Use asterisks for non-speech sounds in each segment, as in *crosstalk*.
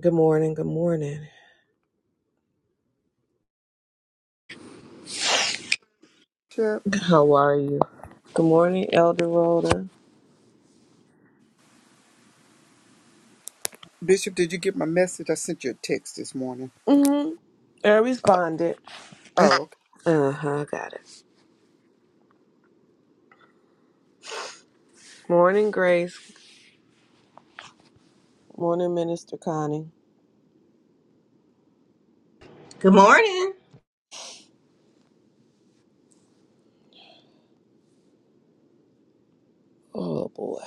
Good morning. Good morning. Sure. How are you? Good morning, Elder Rhoda. Bishop, did you get my message? I sent you a text this morning. Mm-hmm. I responded. Oh, okay. Uh huh. Got it. Morning, Grace. Morning, Minister Connie. Good morning. Oh boy.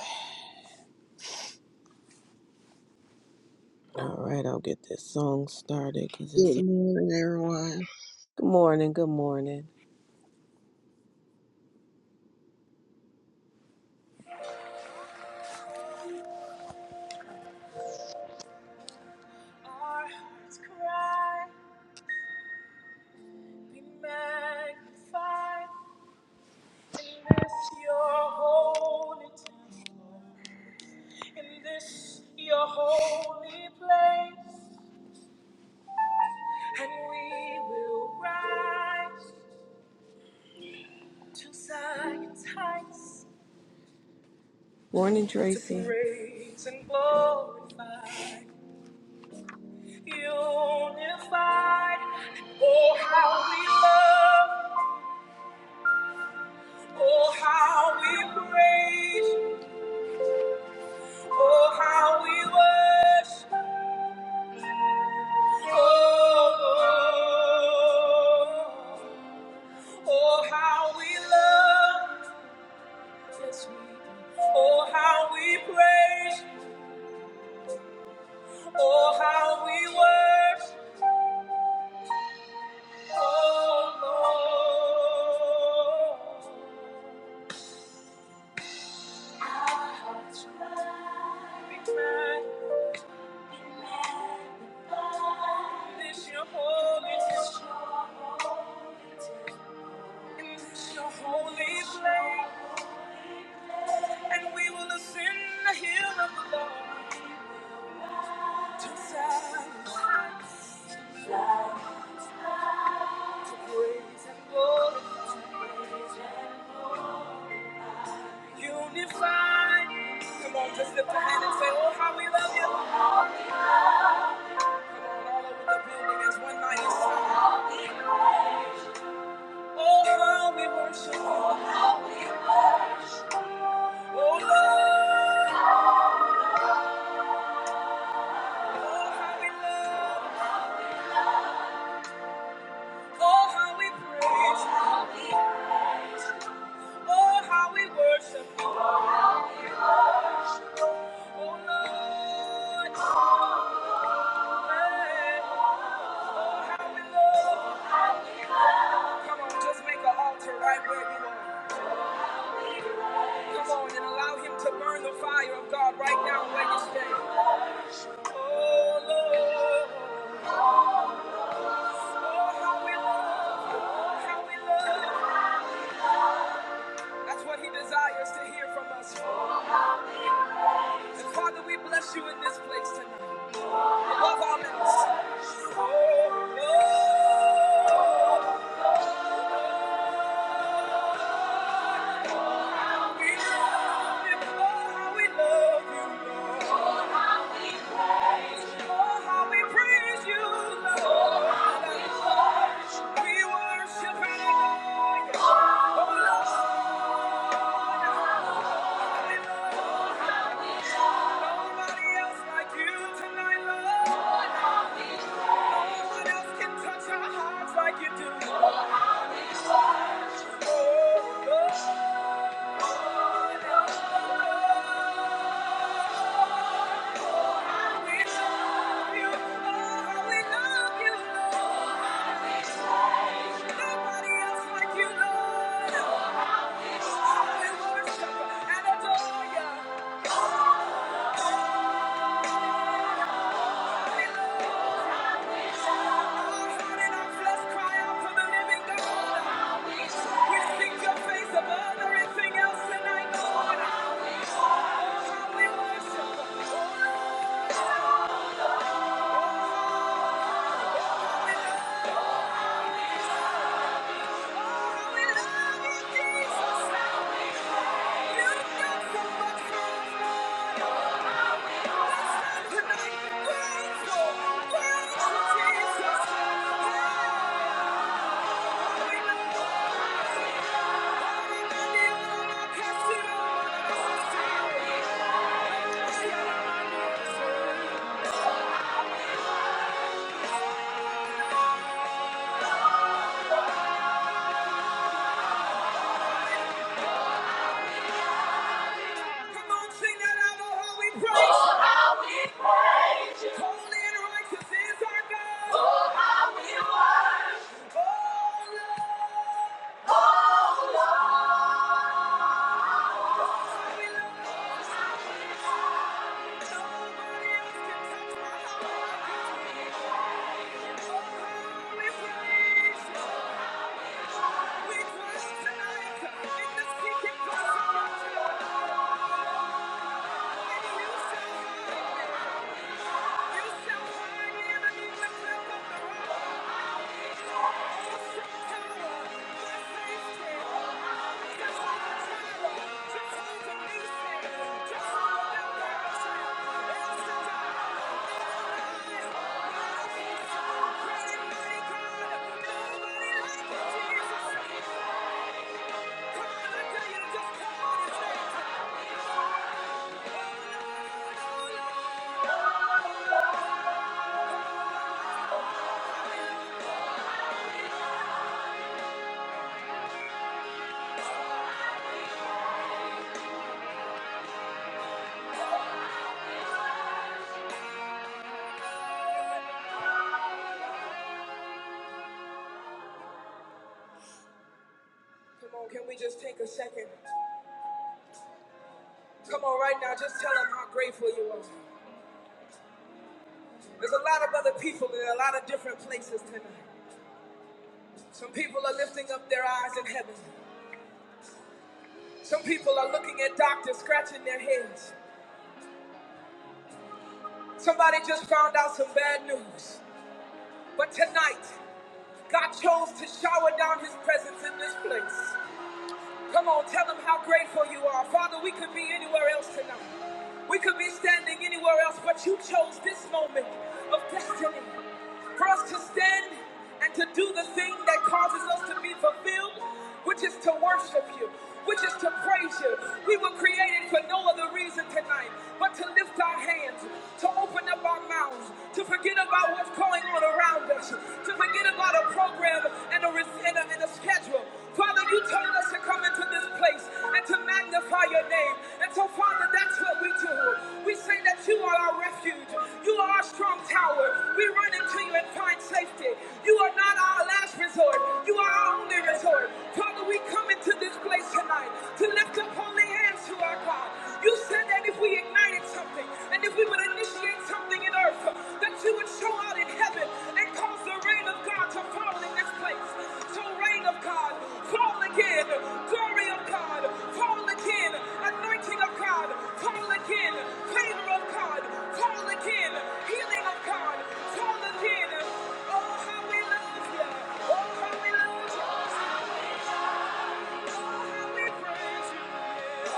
All right. I'll get this song started because it's. Good morning, everyone. Good morning. Good morning. Hearts cry, be magnified, and bless your holy temple. in this your holy place. and we will rise to Zion's heights Morning, to Tracy. To praise and glorify, unified. Oh, how we love, oh, how we praise, oh, how we worship. Oh, oh, oh, how we love, yes, we do. Oh, how we praise. Oh, how we worship, oh Lord. Our hearts cry, be magnified, be magnified. This your holy name in this your holy place, and we will ascend the hill of the Lord. to sacrifice, to praise and glory, unified. Come on, just lift a hand and say, Oh, how we love you. All over the building as one mighty song. Oh, how we worship you. Oh, how we worship. Oh, Lord. Oh, how we love you. Oh, how we praise. Oh, how we Oh, how we worship. Oh, Oh, Lord. Oh, how we love. you. Come on, just make an altar right where you are. Come on and allow him to burn the fire of God right now where you stand. Oh, Lord. Oh, how we love. How we love. That's what he desires to hear from us. And Father, we bless you in this place tonight. Like you do. Oh, oh, oh, oh. Oh, how we love you, Jesus. Oh, how we praise Holy and righteous is our God. Oh, Lord, we love you. Thank you. Come on, Can we just take a second Come on, right now, just tell them how grateful you are. There's a lot of other people in a lot of different places tonight. Some people are lifting up their eyes in heaven. Some people are looking at doctors, scratching their heads. Somebody just found out some bad news. But tonight, God chose to shower down his presence in this place. Come on, tell them how grateful you are. Father, we could be anywhere else tonight. We could be standing anywhere else, but you chose this moment of destiny for us to stand and to do the thing that causes us to be fulfilled, which is to worship you, which is to praise you. We were created for no other reason tonight time but to lift our hands, to open up our mouths, to forget about what's going on around us, to forget about a program and a, res- and a, and a schedule. Father, you told us to come into this place and to magnify your name. And so, Father, that's what we do. We say that you are our refuge. You are our strong tower. We run into you and find safety. You are not our last resort. You are our only resort. Father, we come into this place tonight to Lift up holy hands to our God. You said that if we ignited something and if we would initiate something in earth, that you would show out in heaven and cause the rain of God to fall in this place. So, rain of God, fall again. Glory of God, fall again. Anointing of God, fall again. Favor of God, fall again. Healing of God, fall again. Oh, how we love you. Oh, how we love you. Oh, how we praise you.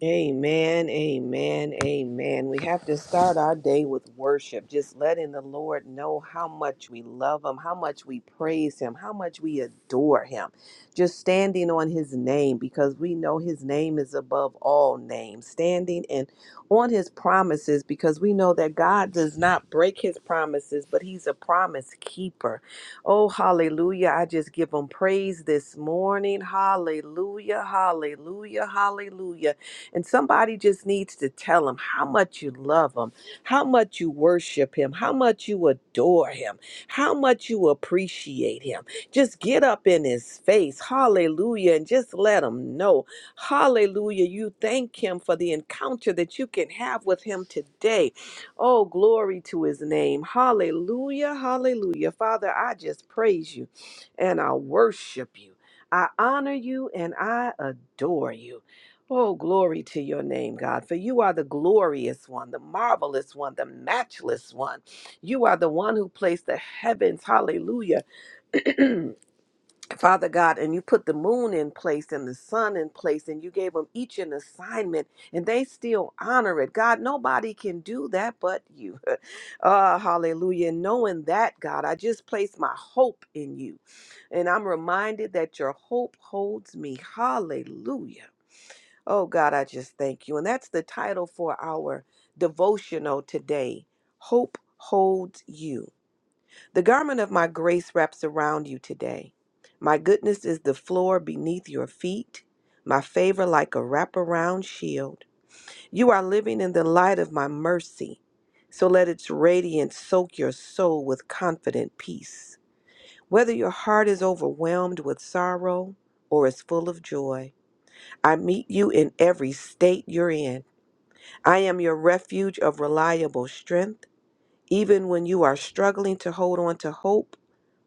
Amen, amen, amen. We have to start our day with worship, just letting the Lord know how much we love Him, how much we praise Him, how much we adore Him. Just standing on His name because we know His name is above all names. Standing and on His promises because we know that God does not break His promises, but He's a promise keeper. Oh, hallelujah. I just give Him praise this morning. Hallelujah, hallelujah, hallelujah and somebody just needs to tell him how much you love him, how much you worship him, how much you adore him, how much you appreciate him. Just get up in his face. Hallelujah. And just let him know. Hallelujah. You thank him for the encounter that you can have with him today. Oh, glory to his name. Hallelujah. Hallelujah. Father, I just praise you and I worship you. I honor you and I adore you. Oh, glory to your name, God, for you are the glorious one, the marvelous one, the matchless one. You are the one who placed the heavens, hallelujah, Father God, and you put the moon in place and the sun in place, and you gave them each an assignment, and they still honor it. God, nobody can do that but you. *laughs* Ah, hallelujah. Knowing that, God, I just place my hope in you, and I'm reminded that your hope holds me. Hallelujah. Oh God, I just thank you. And that's the title for our devotional today. Hope holds you. The garment of my grace wraps around you today. My goodness is the floor beneath your feet, my favor like a wraparound shield. You are living in the light of my mercy, so let its radiance soak your soul with confident peace. Whether your heart is overwhelmed with sorrow or is full of joy, I meet you in every state you're in. I am your refuge of reliable strength. Even when you are struggling to hold on to hope,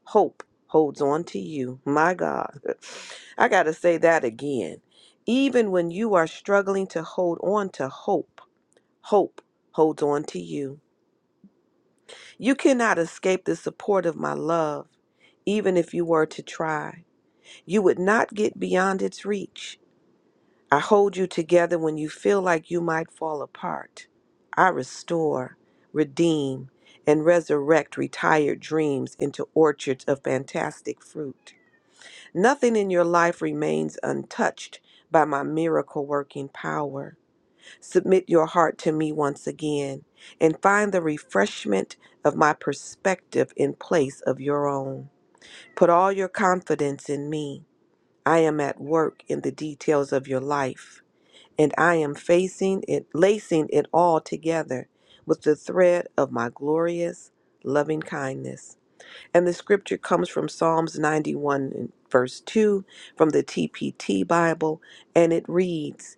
hope holds on to you. My God. *laughs* I got to say that again. Even when you are struggling to hold on to hope, hope holds on to you. You cannot escape the support of my love, even if you were to try. You would not get beyond its reach. I hold you together when you feel like you might fall apart. I restore, redeem, and resurrect retired dreams into orchards of fantastic fruit. Nothing in your life remains untouched by my miracle working power. Submit your heart to me once again and find the refreshment of my perspective in place of your own. Put all your confidence in me. I am at work in the details of your life and I am facing it, lacing it all together with the thread of my glorious loving kindness. And the scripture comes from Psalms 91 and verse 2 from the TPT Bible, and it reads,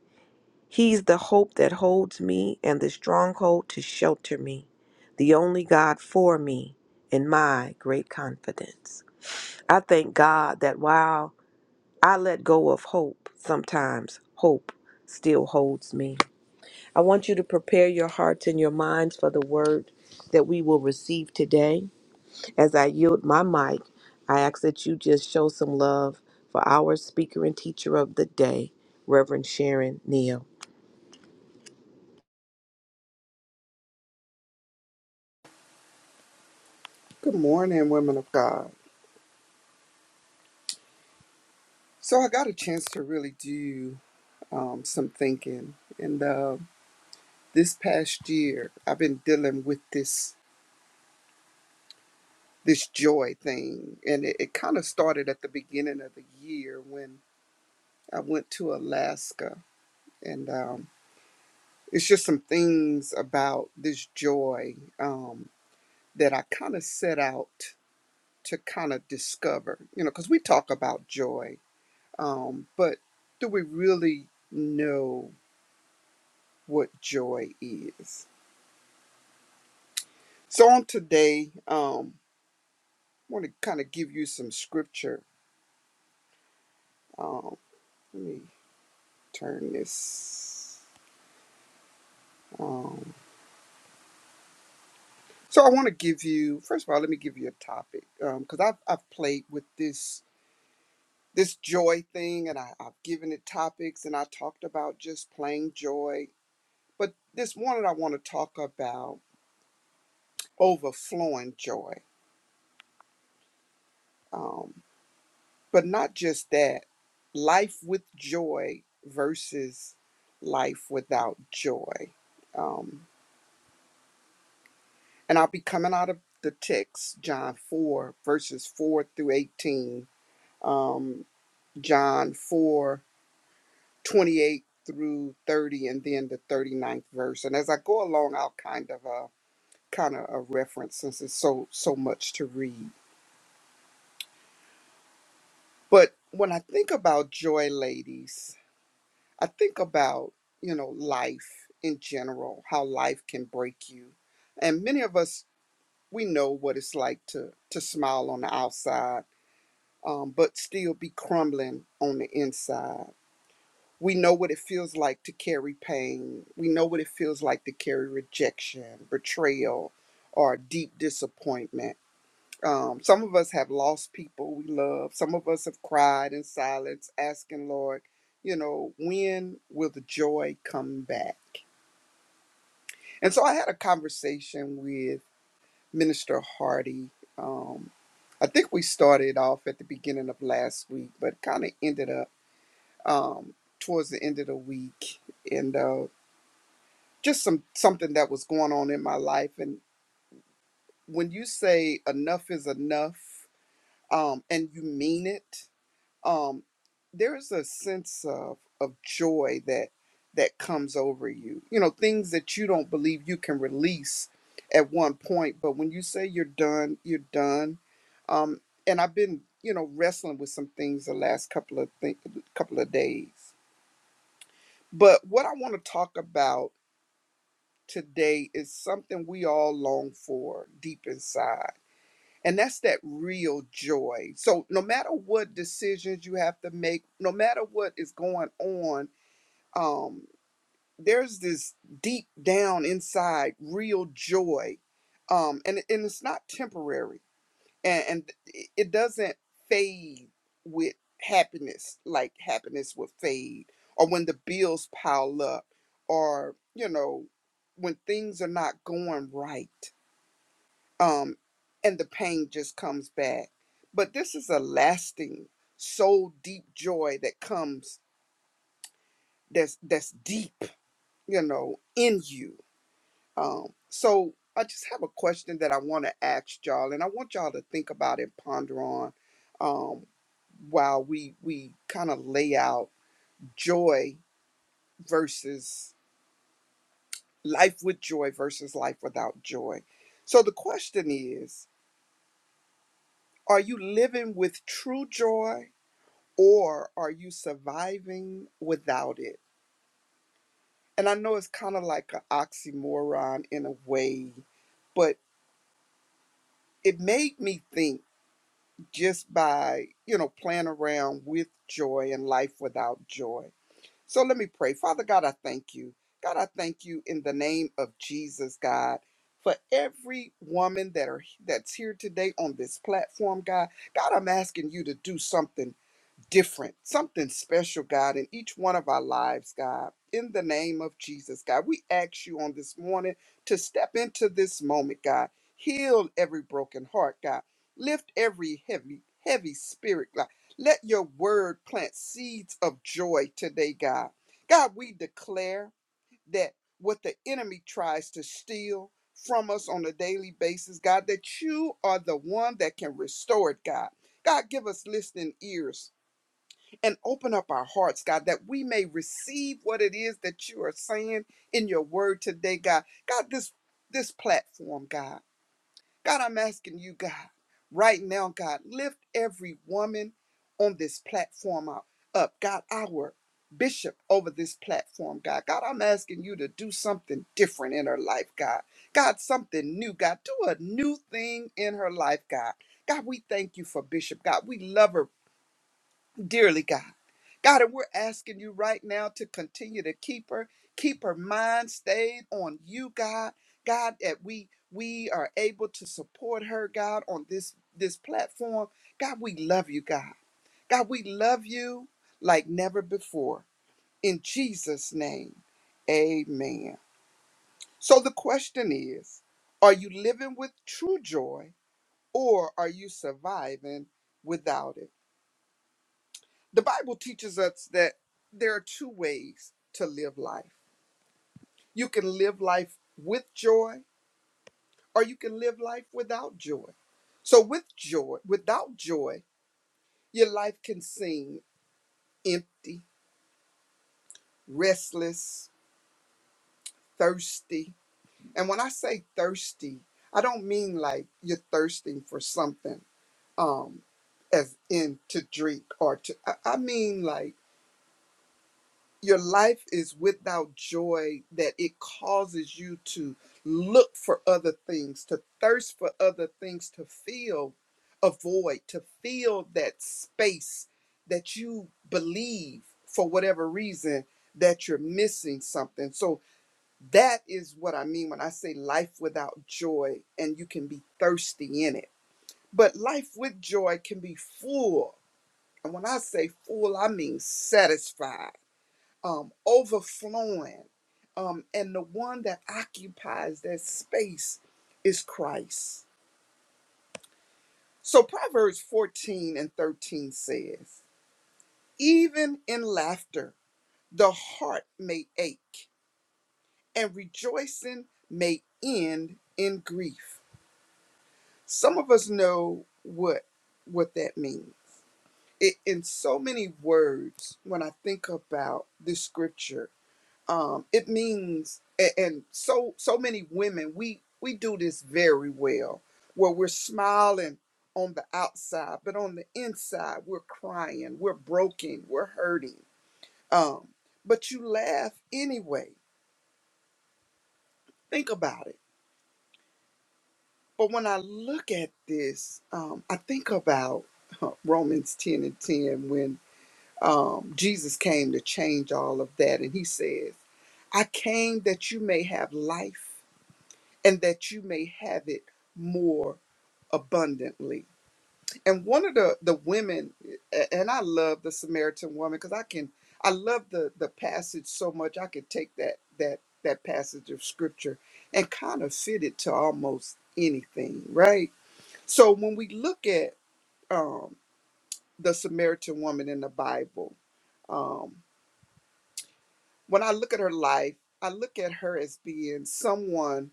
He's the hope that holds me and the stronghold to shelter me, the only God for me in my great confidence. I thank God that while I let go of hope, sometimes hope still holds me. I want you to prepare your hearts and your minds for the word that we will receive today. As I yield my mic, I ask that you just show some love for our speaker and teacher of the day, Reverend Sharon Neal. Good morning, women of God. So I got a chance to really do um, some thinking, and uh, this past year I've been dealing with this this joy thing, and it, it kind of started at the beginning of the year when I went to Alaska, and um, it's just some things about this joy um, that I kind of set out. to kind of discover, you know, because we talk about joy, um, but do we really know what joy is? So on today, um, I want to kind of give you some scripture. Um, let me turn this. Um, so I want to give you first of all, let me give you a topic because I've I've played with this this joy thing, and I, I've given it topics, and I talked about just plain joy. But this morning, I want to talk about. overflowing joy. Um, but not just that, life with joy versus life without joy. Um, and I'll be coming out of the text, John 4, verses 4 through 18, um, John 4 28 through 30, and then the thirty ninth verse. And as I go along, I'll kind of uh, kind of a reference since it's so so much to read. But when I think about joy, ladies, I think about, you know, life in general, how life can break you. And many of us, we know what it's like to, to smile on the outside, um, but still be crumbling on the inside. We know what it feels like to carry pain. We know what it feels like to carry rejection, betrayal, or deep disappointment um, some of us have lost people we love. Some of us have cried in silence, asking, Lord, you know, when will the joy come back? And so I had a conversation with Minister Hardy. Um, I think we started off at the beginning of last week, but kind of ended up um, towards the end of the week. And uh, just some something that was going on in my life. And when you say enough is enough, um, and you mean it, um, there's a sense of of joy that that comes over you. You know, things that you don't believe you can release at one point, but when you say you're done, you're done. Um, and I've been, you know, wrestling with some things the last couple of th- couple of days. But what I want to talk about today is something we all long for deep inside and that's that real joy. So, no matter what decisions you have to make, no matter what is going on, um, there's this deep down inside real joy. Um, and, and it's not temporary. And, and it it doesn't fade with happiness like happiness will fade, or when the bills pile up, or, you know, when things are not going right um, and the pain just comes back. But this is a lasting, soul deep joy that comes that's that's deep, you know, in you. Um, so I just have a question that I want to ask y'all, and I want y'all to think about and ponder on um, while we we kind of lay out joy versus life with joy versus life without joy. So the question is, are you living with true joy or are you surviving without it? And I know it's kind of like an oxymoron in a way, but it made me think just by, you know, playing around with joy and life without joy. So let me pray. Father God, I thank you. God, I thank you in the name of Jesus, God, for every woman that are that's here today on this platform, God. God, I'm asking you to do something different, something special, God, in each one of our lives, God. In the name of Jesus, God, we ask you on this morning to step into this moment, God. Heal every broken heart, God. Lift every heavy, heavy spirit, God. Let your word plant seeds of joy today, God. God, we declare that what the enemy tries to steal from us on a daily basis, God, that you are the one that can restore it, God. God, give us listening ears and open up our hearts, God, that we may receive what it is that you are saying in your word today, God. God, this this platform, God. God, I'm asking you, God, right now, God, lift every woman on this platform up. up. God, our bishop over this platform, God. God, I'm asking you to do something different in her life, God. God, something new, God. Do a new thing in her life, God. God, we thank you for Bishop. God, we love her dearly, God. God, and we're asking you right now to continue to keep her, keep her mind stayed on you, God. God, that we we are able to support her, God, on this this platform. God, we love you, God. God, we love you like never before. In Jesus' name, amen. So the question is, are you living with true joy or are you surviving without it? The Bible teaches us that there are two ways to live life. You can live life with joy or you can live life without joy. So with joy, without joy, your life can seem empty, restless, thirsty. And when I say thirsty, I don't mean like you're thirsting for something um as in to drink or to I I mean like your life is without joy that it causes you to look for other things to thirst for other things to feel a void to fill that space that you believe for whatever reason that you're missing something so that is what i mean when i say life without joy and you can be thirsty in it but life with joy can be full and when i say full i mean satisfied um, overflowing. Um, and the one that occupies that space is Christ. So Proverbs 14 and 13 says, Even in laughter, the heart may ache, and rejoicing may end in grief. Some of us know what what that means. It, in so many words, when I think about this scripture, um it means and, and so so many women we we do this very well where we're smiling on the outside but on the inside we're crying we're broken we're hurting um but you laugh anyway think about it but when i look at this um i think about *laughs* romans 10 and 10 when um jesus came to change all of that and he says i came that you may have life and that you may have it more abundantly. And one of the the women, a- and I love the Samaritan woman because I can I love the the passage so much. I could take that that that passage of scripture and kind of fit it to almost anything, right? So when we look at um, the Samaritan woman in the Bible, um, when I look at her life, I look at her as being someone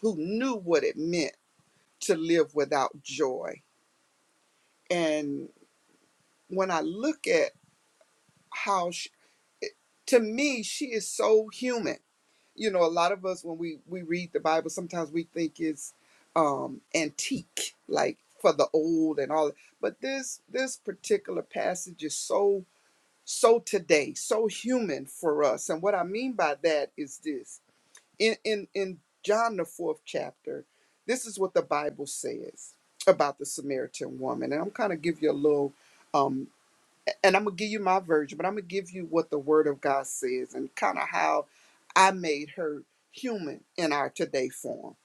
who knew what it meant to live without joy. And when I look at how, she, to me, she is so human. You know, a lot of us when we we read the Bible, sometimes we think it's um, antique, like for the old and all. But this this particular passage is so so today, so human for us. And what I mean by that is this. in, in, in John, the fourth chapter, this is what the Bible says about the Samaritan woman. And I'm kind of give you a little, um, and I'm going to give you my version, but I'm going to give you what the Word of God says and kind of how I made her human in our today form.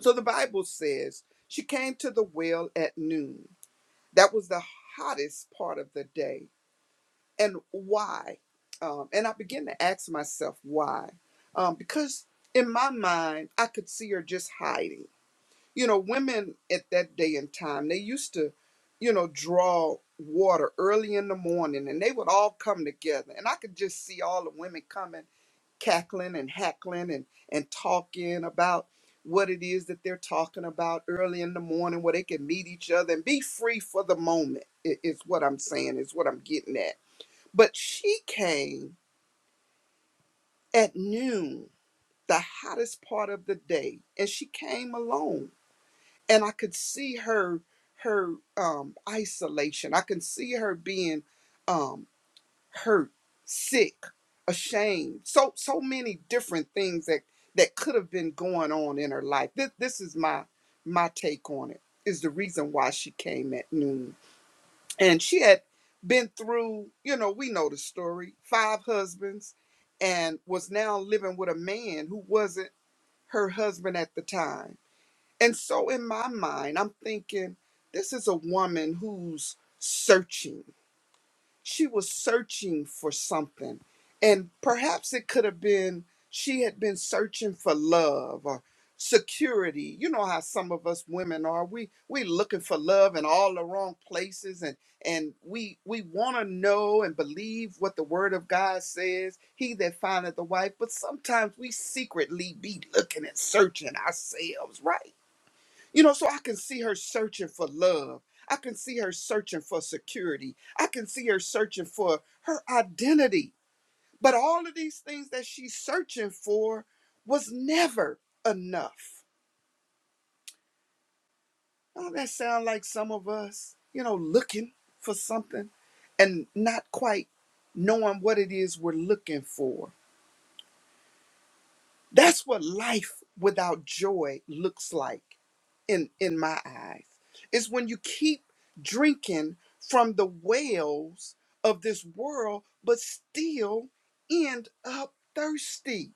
So the Bible says she came to the well at noon. That was the hottest part of the day and why? Um, and I began to ask myself why, um, because in my mind I could see her just hiding. You know, women at that day and time they used to, you know, draw water early in the morning, and they would all come together, and I could just see all the women coming, cackling and hackling and and talking about what it is that they're talking about early in the morning, where they can meet each other and be free for the moment. i- Is what I'm saying. Is what I'm getting at but she came at noon, the hottest part of the day, and she came alone. And I could see her her um isolation. I could see her being um hurt, sick, ashamed. So so many different things that that could have been going on in her life. This this is my my take on it. Is the reason why she came at noon. and she had been through you know we know the story five husbands and was now living with a man who wasn't her husband at the time and so in my mind i'm thinking this is a woman who's searching she was searching for something. And perhaps it could have been she had been searching for love or security. You know how some of us women are. We we looking for love in all the wrong places and and we we want to know and believe what the word of God says, he that findeth the wife, but sometimes we secretly be looking and searching ourselves, right? You know, so I can see her searching for love. I can see her searching for security. I can see her searching for her identity. But all of these things that she's searching for was never enough. Don't that sound like some of us, you know, looking for something and not quite knowing what it is we're looking for? That's what life without joy looks like. in in my eyes is when you keep drinking from the wells of this world but still end up thirsty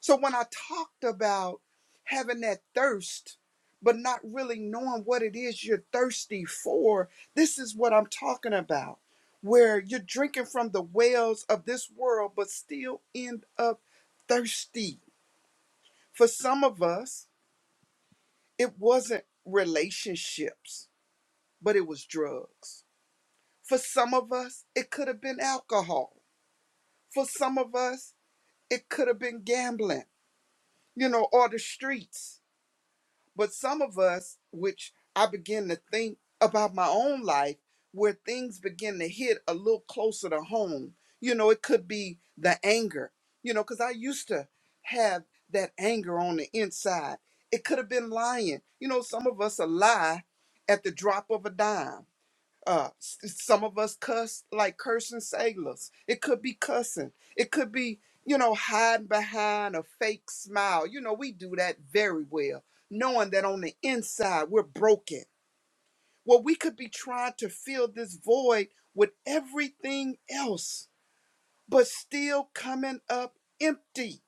so when i talked about having that thirst but not really knowing what it is you're thirsty for this is what i'm talking about where you're drinking from the wells of this world but still end up thirsty for some of us it wasn't relationships but it was drugs. For some of us, it could have been alcohol. For some of us, it could have been gambling, you know, or the streets. But some of us, which I begin to think about my own life, where things begin to hit a little closer to home, you know, it could be the anger, you know, because I used to have that anger on the inside. It could have been lying. You know, some of us a lie at the drop of a dime Uh, s- some of us cuss like cursing sailors. It could be cussing. It could be, you know, hiding behind a fake smile. You know, we do that very well, knowing that on the inside we're broken. Well, we could be trying to fill this void with everything else, but still coming up empty.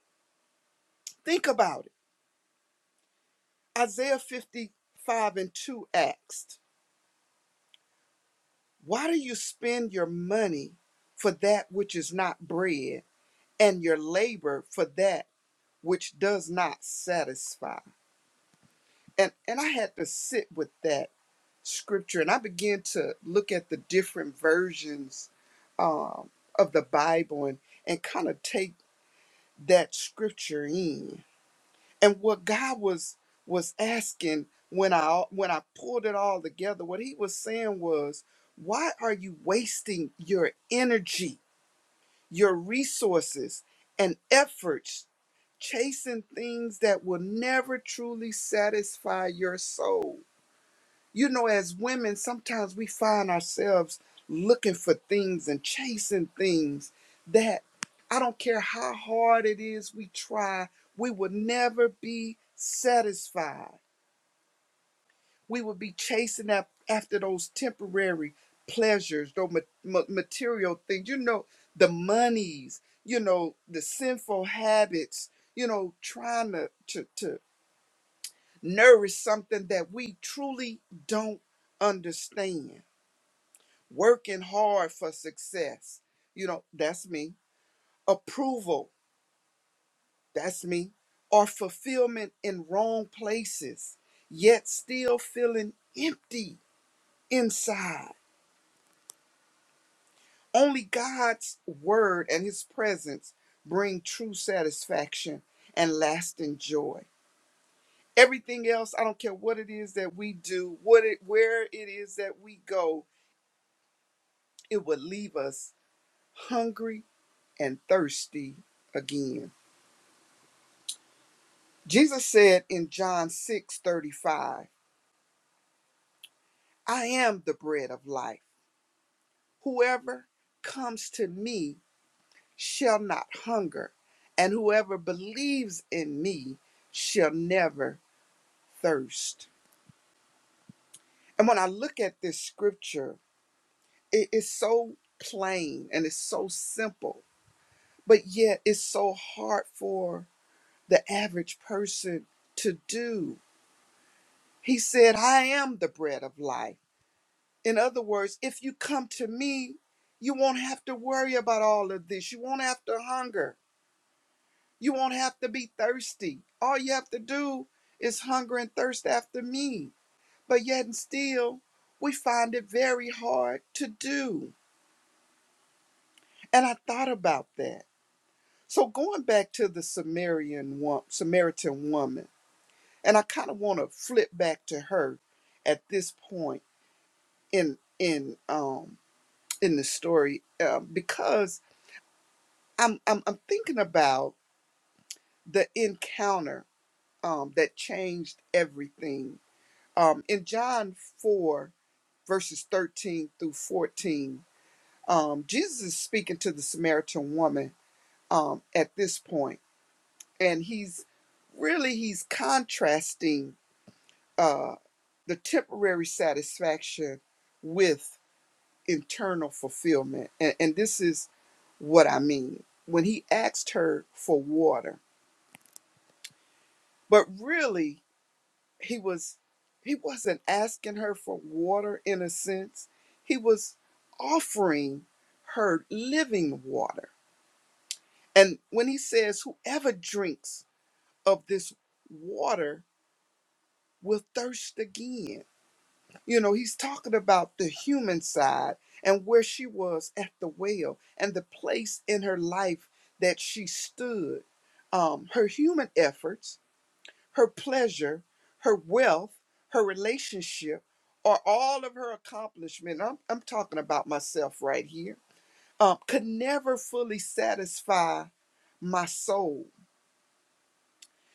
Think about it. Isaiah 55 and 2 asked, Why do you spend your money for that which is not bread? and your labor for that which does not satisfy. And and I had to sit with that scripture and I began to look at the different versions um, of the Bible and, and kind of take that scripture in. And what God was was asking when I when I pulled it all together, what he was saying was, why are you wasting your energy, your resources and efforts chasing things that will never truly satisfy your soul. You know, as women, sometimes we find ourselves looking for things and chasing things that I don't care how hard it is we try, we will never be satisfied. We will be chasing af- after those temporary pleasures, those ma- ma- material things, you know, the monies, you know, the sinful habits, you know, trying to, to, to nourish something that we truly don't understand. Working hard for success, you know, that's me. Approval, that's me. Or fulfillment in wrong places, yet still feeling empty inside. Only God's word and his presence bring true satisfaction and lasting joy. Everything else, I don't care what it is that we do, what it where it is that we go, it will leave us hungry and thirsty again. Jesus said in John 6:35, I am the bread of life. Whoever comes to me shall not hunger, and whoever believes in me shall never thirst. And when I look at this scripture, it is so plain and it's so simple, but yet it's so hard for the average person to do He said, I am the bread of life. In other words, if you come to me, you won't have to worry about all of this. You won't have to hunger. You won't have to be thirsty. All you have to do is hunger and thirst after me. But yet and still, we find it very hard to do. And I thought about that. So going back to the Samarian wo- Samaritan woman, and I kind of want to flip back to her at this point in in um in this story uh, because I'm, I'm I'm thinking about the encounter um, that changed everything. Um, in John four verses thirteen through fourteen, um, Jesus is speaking to the Samaritan woman um, at this point, and he's really he's contrasting uh, the temporary satisfaction with internal fulfillment. And, and this is what I mean. When he asked her for water, but really he was he wasn't asking her for water in a sense. He was offering her living water. And when he says, Whoever drinks of this water will thirst again You know, he's talking about the human side and where she was at the well and the place in her life that she stood. Um, her human efforts, her pleasure, her wealth, her relationship, or all of her accomplishment. I'm, I'm talking about myself right here. Um, could never fully satisfy my soul.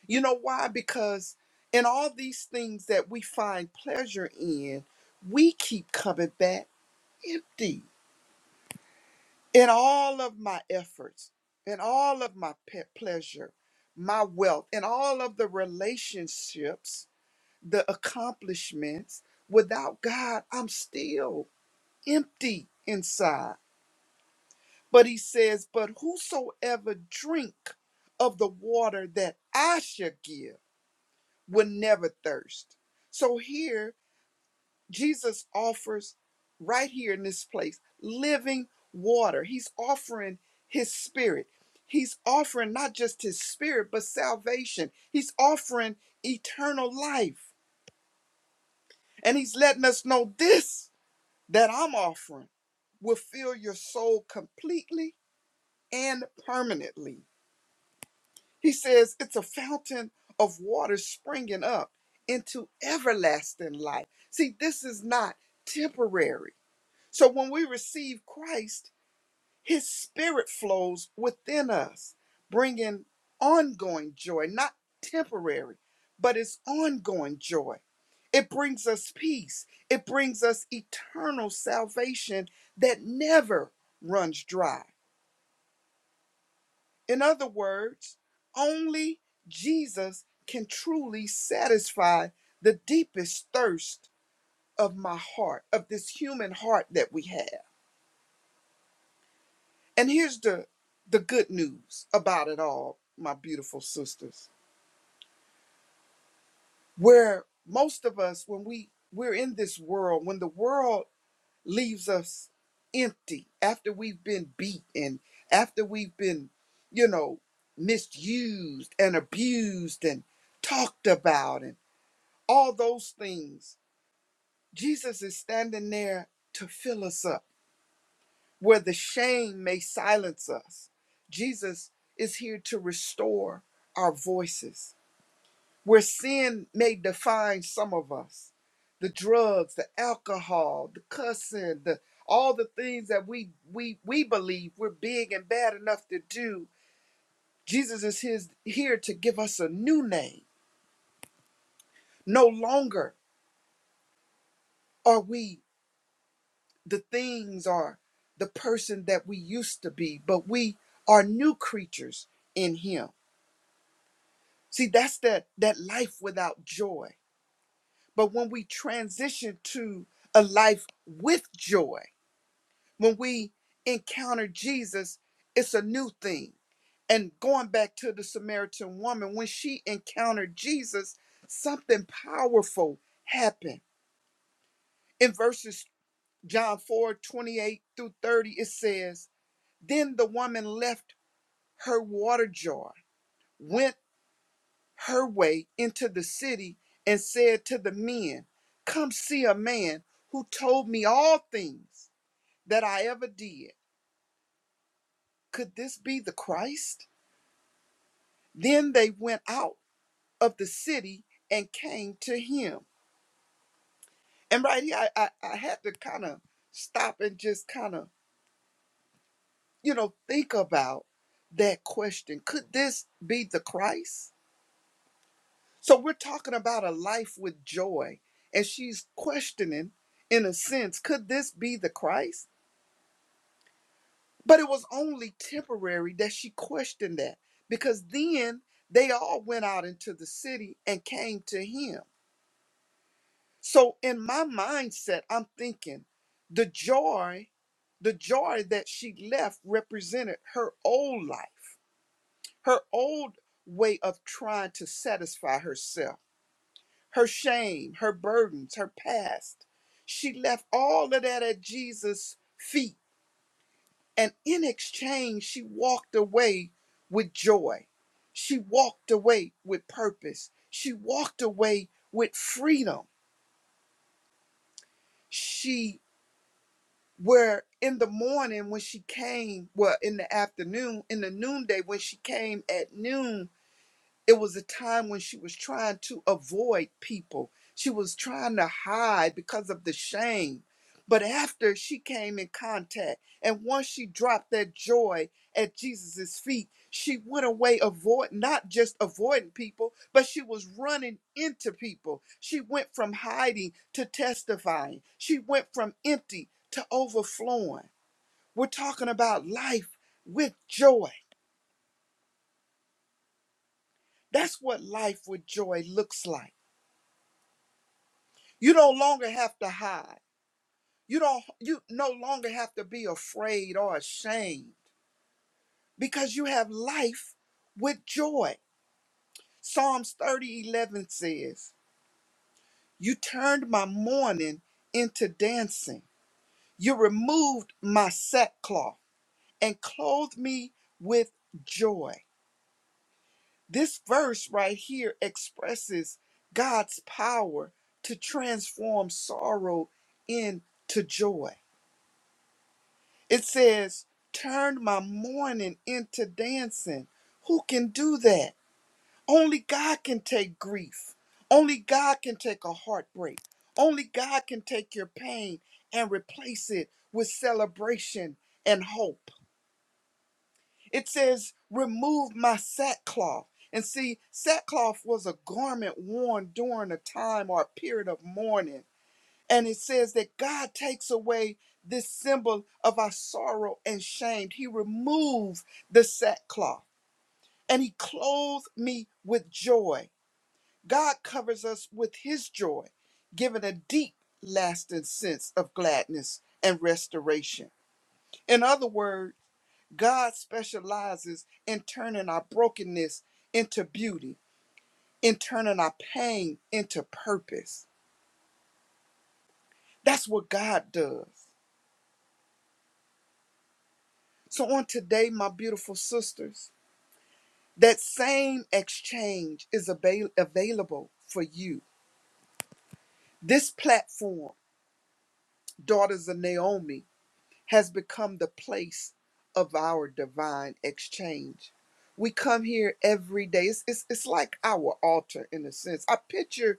You know why? Because in all these things that we find pleasure in, we keep coming back empty in all of my efforts, in all of my pe- pleasure, my wealth, in all of the relationships, the accomplishments. Without God, I'm still empty inside. But he says, But whosoever drink of the water that I shall give will never thirst. So here Jesus offers right here in this place living water. He's offering his spirit. He's offering not just his spirit, but salvation. He's offering eternal life. And he's letting us know this that I'm offering will fill your soul completely and permanently. He says it's a fountain of water springing up into everlasting life. See, this is not temporary So when we receive Christ, his spirit flows within us, bringing ongoing joy, not temporary, but it's ongoing joy. It brings us peace. It brings us eternal salvation that never runs dry. In other words, only Jesus can truly satisfy the deepest thirst of my heart, of this human heart that we have. And here's the the good news about it all, my beautiful sisters. Where most of us when we we're in this world, when the world leaves us empty after we've been beat and after we've been, you know, misused and abused and talked about and all those things, Jesus is standing there to fill us up where the shame may silence us. Jesus is here to restore our voices. Where sin may define some of us, the drugs, the alcohol, the cussing, the all the things that we we we believe we're big and bad enough to do. Jesus is his here to give us a new name. No longer are we the things or the person that we used to be, but we are new creatures in him. See, that's that that life without joy. But when we transition to a life with joy, when we encounter Jesus, it's a new thing. And going back to the Samaritan woman, when she encountered Jesus, something powerful happened. In verses John 4 28 through 30, it says, Then the woman left her water jar, went her way into the city and said to the men, Come see a man who told me all things that I ever did. Could this be the Christ? Then they went out of the city and came to him. And right here, I, I, I had to kind of stop and just kind of, you know, think about that question. Could this be the Christ? So we're talking about a life with joy. And she's questioning, in a sense, could this be the Christ? But it was only temporary that she questioned that because then they all went out into the city and came to him. So in my mindset, I'm thinking the joy, the joy that she left represented her old life, her old way of trying to satisfy herself her shame, her burdens, her past. She left all of that at Jesus' feet. And in exchange, she walked away with joy. She walked away with purpose. She walked away with freedom. She, where in the morning when she came, well, in the afternoon, in the noonday when she came at noon, It was a time when she was trying to avoid people. She was trying to hide because of the shame. But after she came in contact, and once she dropped that joy at Jesus' feet, she went away avoid not just avoiding people, but she was running into people. She went from hiding to testifying. She went from empty to overflowing. We're talking about life with joy. That's what life with joy looks like. You no longer have to hide. You don't you no longer have to be afraid or ashamed because you have life with joy. Psalms 30 11 says, You turned my mourning into dancing. You removed my sackcloth and clothed me with joy. This verse right here expresses God's power to transform sorrow into joy. It says, Turn my mourning into dancing. Who can do that? Only God can take grief. Only God can take a heartbreak. Only God can take your pain and replace it with celebration and hope. It says, Remove my sackcloth. And see, sackcloth was a garment worn during a time or a period of mourning. And it says that God takes away this symbol of our sorrow and shame. He removes the sackcloth and he clothes me with joy. God covers us with his joy, giving a deep, lasting sense of gladness and restoration. In other words, God specializes in turning our brokenness into beauty, in turning our pain into purpose. That's what God does. So, on today, my beautiful sisters, that same exchange is avail- available for you. This platform, Daughters of Naomi, has become the place of our divine exchange. We come here every day. It's, it's, it's like our altar in a sense. I picture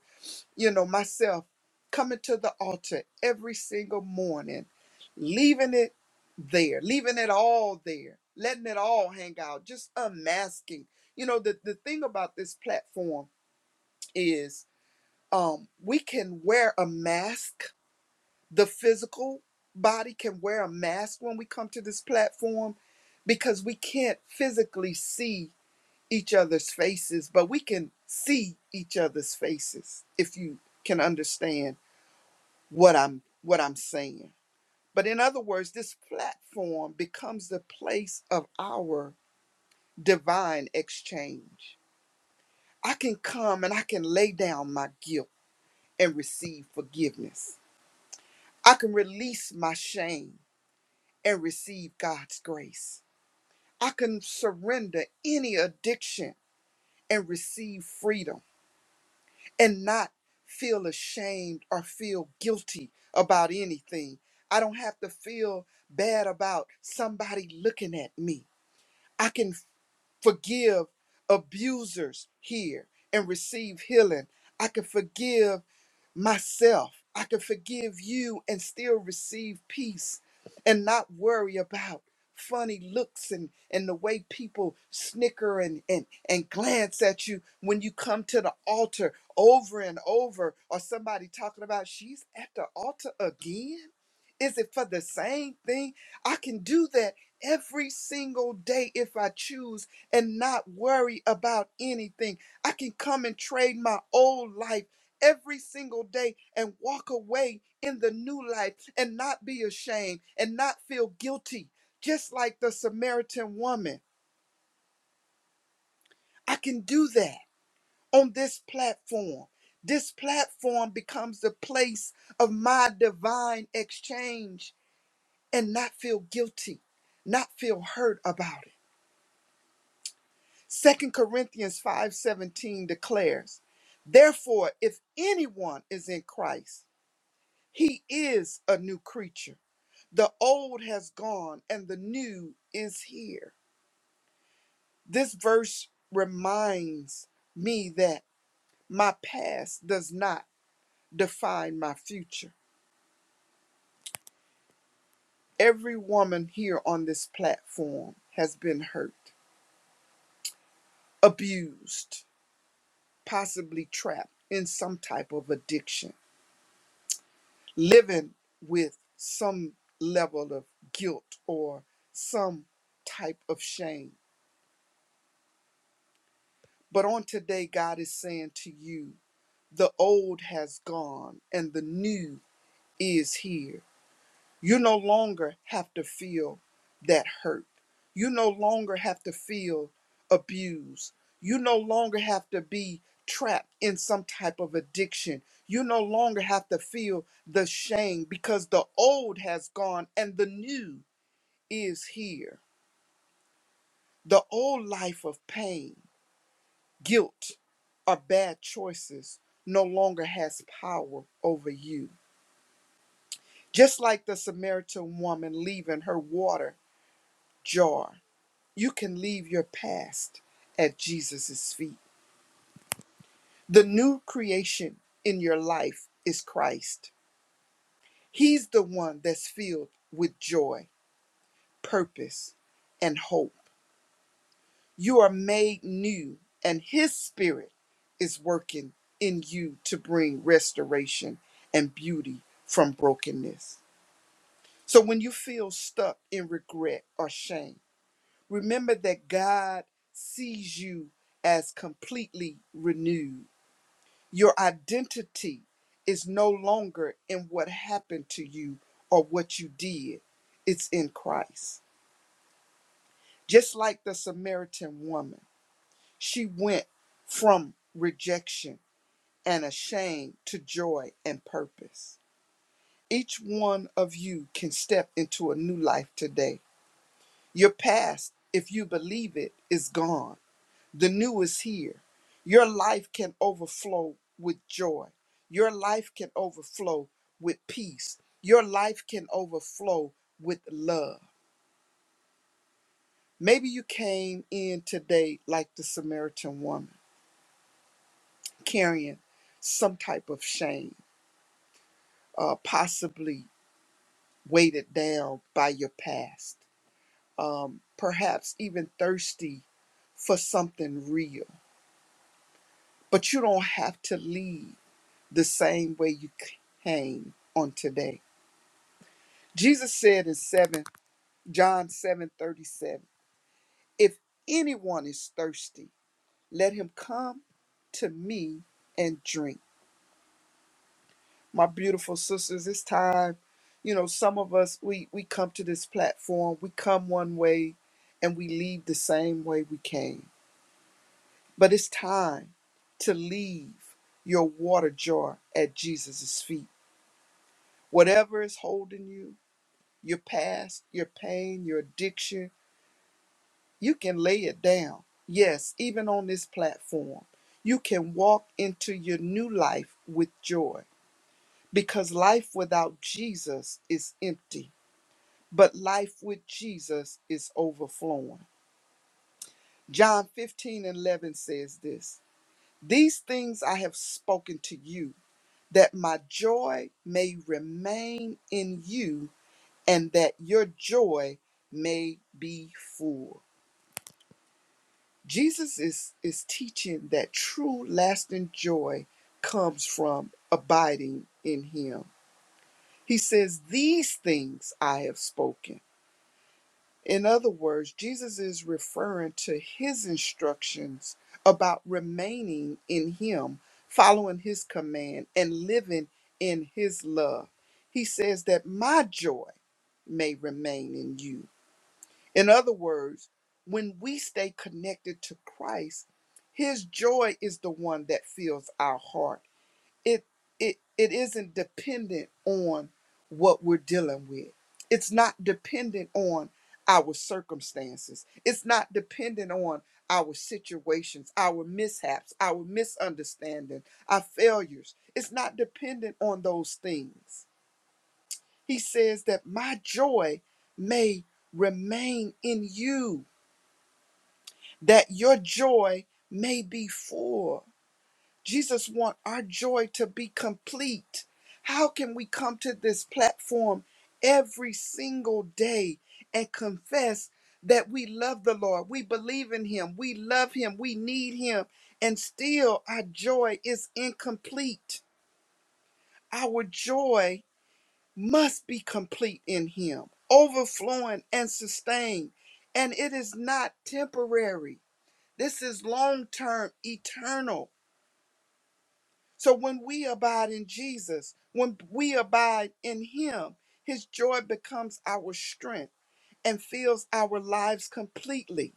you know, myself coming to the altar every single morning, leaving it there, leaving it all there, letting it all hang out, just unmasking. You know, the, the thing about this platform is um, we can wear a mask. The physical body can wear a mask when we come to this platform because we can't physically see each other's faces, but we can see each other's faces if you can understand what I'm what I'm saying. But in other words, this platform becomes the place of our divine exchange. I can come and I can lay down my guilt and receive forgiveness. I can release my shame and receive God's grace. I can surrender any addiction and receive freedom. and not feel ashamed or feel guilty about anything. I don't have to feel bad about somebody looking at me. I can forgive abusers here and receive healing. I can forgive myself. I can forgive you and still receive peace and not worry about funny looks and, and the way people snicker and, and, and glance at you when you come to the altar over and over, or somebody talking about she's at the altar again is it for the same thing? I can do that every single day if I choose and not worry about anything. I can come and trade my old life every single day and walk away in the new life and not be ashamed and not feel guilty, just like the Samaritan woman. I can do that on this platform. This platform becomes the place of my divine exchange and not feel guilty, not feel hurt about it. Second Corinthians 5:17 declares, "Therefore, if anyone is in Christ, he is a new creature. The old has gone and the new is here." This verse reminds me that my past does not define my future. Every woman here on this platform has been hurt, abused, possibly trapped in some type of addiction, living with some level of guilt or some type of shame. But on today, God is saying to you, the old has gone and the new is here. You no longer have to feel that hurt. You no longer have to feel abused. You no longer have to be trapped in some type of addiction. You no longer have to feel the shame because the old has gone and the new is here. The old life of pain, guilt, or bad choices no longer has power over you. Just like the Samaritan woman leaving her water jar You can leave your past at Jesus' feet. The new creation in your life is Christ. He's the one that's filled with joy, purpose, and hope. You are made new, and His Spirit is working in you to bring restoration and beauty from brokenness. So when you feel stuck in regret or shame, remember that God sees you as completely renewed Your identity is no longer in what happened to you or what you did, it's in Christ. Just like the Samaritan woman, she went from rejection and shame to joy and purpose. Each one of you can step into a new life today. Your past, if you believe it, is gone. The new is here. Your life can overflow with joy. Your life can overflow with peace. Your life can overflow with love. Maybe you came in today like the Samaritan woman, carrying some type of shame, uh, possibly weighted down by your past, um, perhaps even thirsty for something real. But you don't have to leave the same way you came on today. Jesus said in 7 John 7:37, if anyone is thirsty, let him come to me and drink. My beautiful sisters, it's time. You know, some of us we we come to this platform, we come one way and we leave the same way we came. But it's time to leave your water jar at Jesus' feet. Whatever is holding you, your past, your pain, your addiction. You can lay it down. Yes, even on this platform, you can walk into your new life with joy because life without Jesus is empty, but life with Jesus is overflowing. John 15 and 11 says this These things I have spoken to you, that my joy may remain in you, and that your joy may be full. Jesus is, is teaching that true lasting joy comes from abiding in him. He says, These things I have spoken. In other words, Jesus is referring to his instructions about remaining in him, following his command, and living in his love. He says that my joy may remain in you in other words, when we stay connected to Christ, his joy is the one that fills our heart. It it it isn't dependent on what we're dealing with. It's not dependent on our circumstances. It's not dependent on our situations, our mishaps, our misunderstanding, our failures. It's not dependent on those things. He says that my joy may remain in you that your joy may be full. Jesus wants our joy to be complete. How can we come to this platform every single day and confess that we love the Lord, we believe in Him, we love Him, we need Him, and still our joy is incomplete? Our joy must be complete in Him, overflowing and sustained, and it is not temporary. This is long term, eternal. So when we abide in Jesus, when we abide in Him, His joy becomes our strength and fills our lives completely.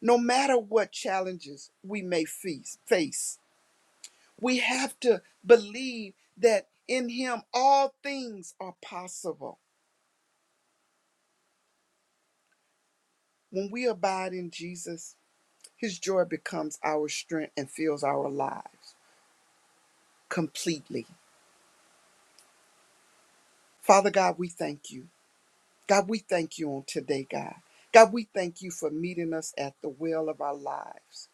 No matter what challenges we may face, face, we have to believe that in Him all things are possible. When we abide in Jesus, His joy becomes our strength and fills our lives completely. Father God, we thank you. God, we thank you on today, God. God, we thank you for meeting us at the well of our lives,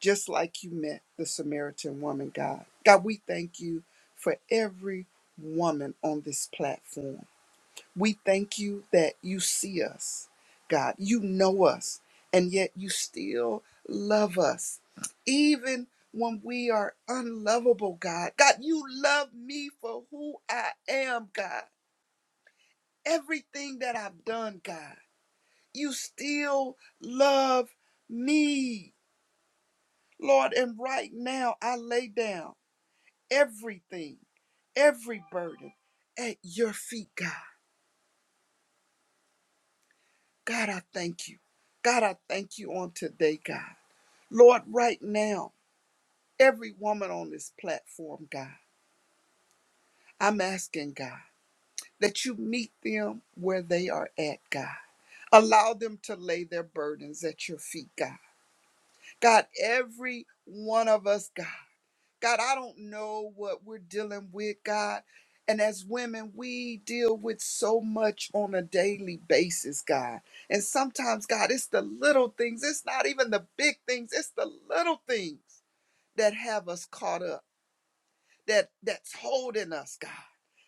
just like you met the Samaritan woman, God. God, we thank you for every woman on this platform. We thank you that you see us, God. You know us, and yet you still love us, even when we are unlovable, God. God, you love me for who I am, God. Everything that I've done, God you still love me, Lord. And right now, I lay down everything, every burden at your feet, God. God, I thank you. God, I thank you on today, God. Lord, right now, every woman on this platform, God, I'm asking, God, that you meet them where they are at, God. Allow them to lay their burdens at your feet, God. God, every one of us, God. God, I don't know what we're dealing with, God. And as women, we deal with so much on a daily basis, God. And sometimes, God, it's the little things, it's not even the big things, it's the little things that have us caught up, that that's holding us, God.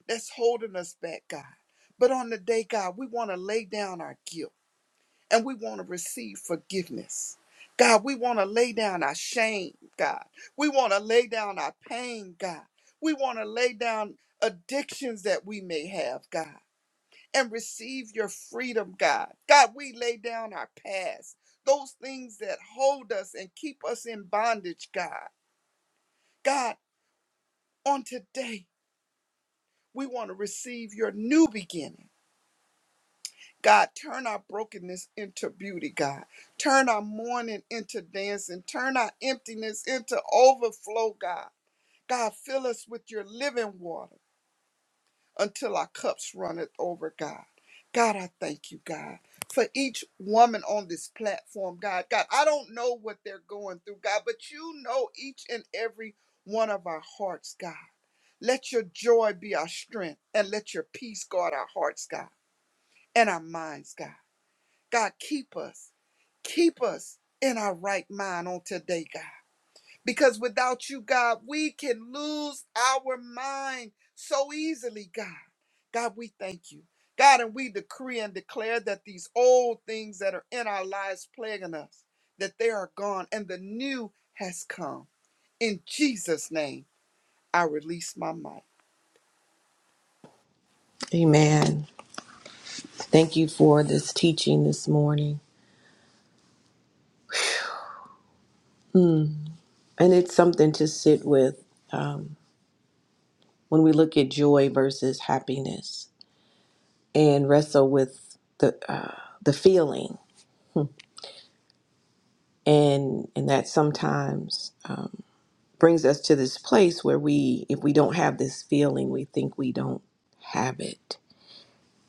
That's holding us back, God. But on the day, God, we want to lay down our guilt and we want to receive forgiveness. God, we want to lay down our shame, God. We want to lay down our pain, God. We want to lay down addictions that we may have, God, and receive your freedom, God. God, we lay down our past, those things that hold us and keep us in bondage, God. God, on today, we want to receive your new beginning. God, turn our brokenness into beauty, God. Turn our mourning into dancing. Turn our emptiness into overflow, God. God, fill us with your living water until our cups runneth over, God. God, I thank you, God, for each woman on this platform, God. God, I don't know what they're going through, God, but you know each and every one of our hearts, God. Let your joy be our strength and let your peace guard our hearts, God, and our minds, God. God, keep us. Keep us in our right mind on today, God. Because without you, God, we can lose our mind so easily, God. God, we thank you. God, and we decree and declare that these old things that are in our lives plaguing us, that they are gone and the new has come. In Jesus' name, I release my mic. Amen. Thank you for this teaching this morning. And it's something to sit with um, when we look at joy versus happiness and wrestle with the, uh, the feeling. And, and that sometimes. um, brings us to this place where we, if we don't have this feeling, we think we don't have it.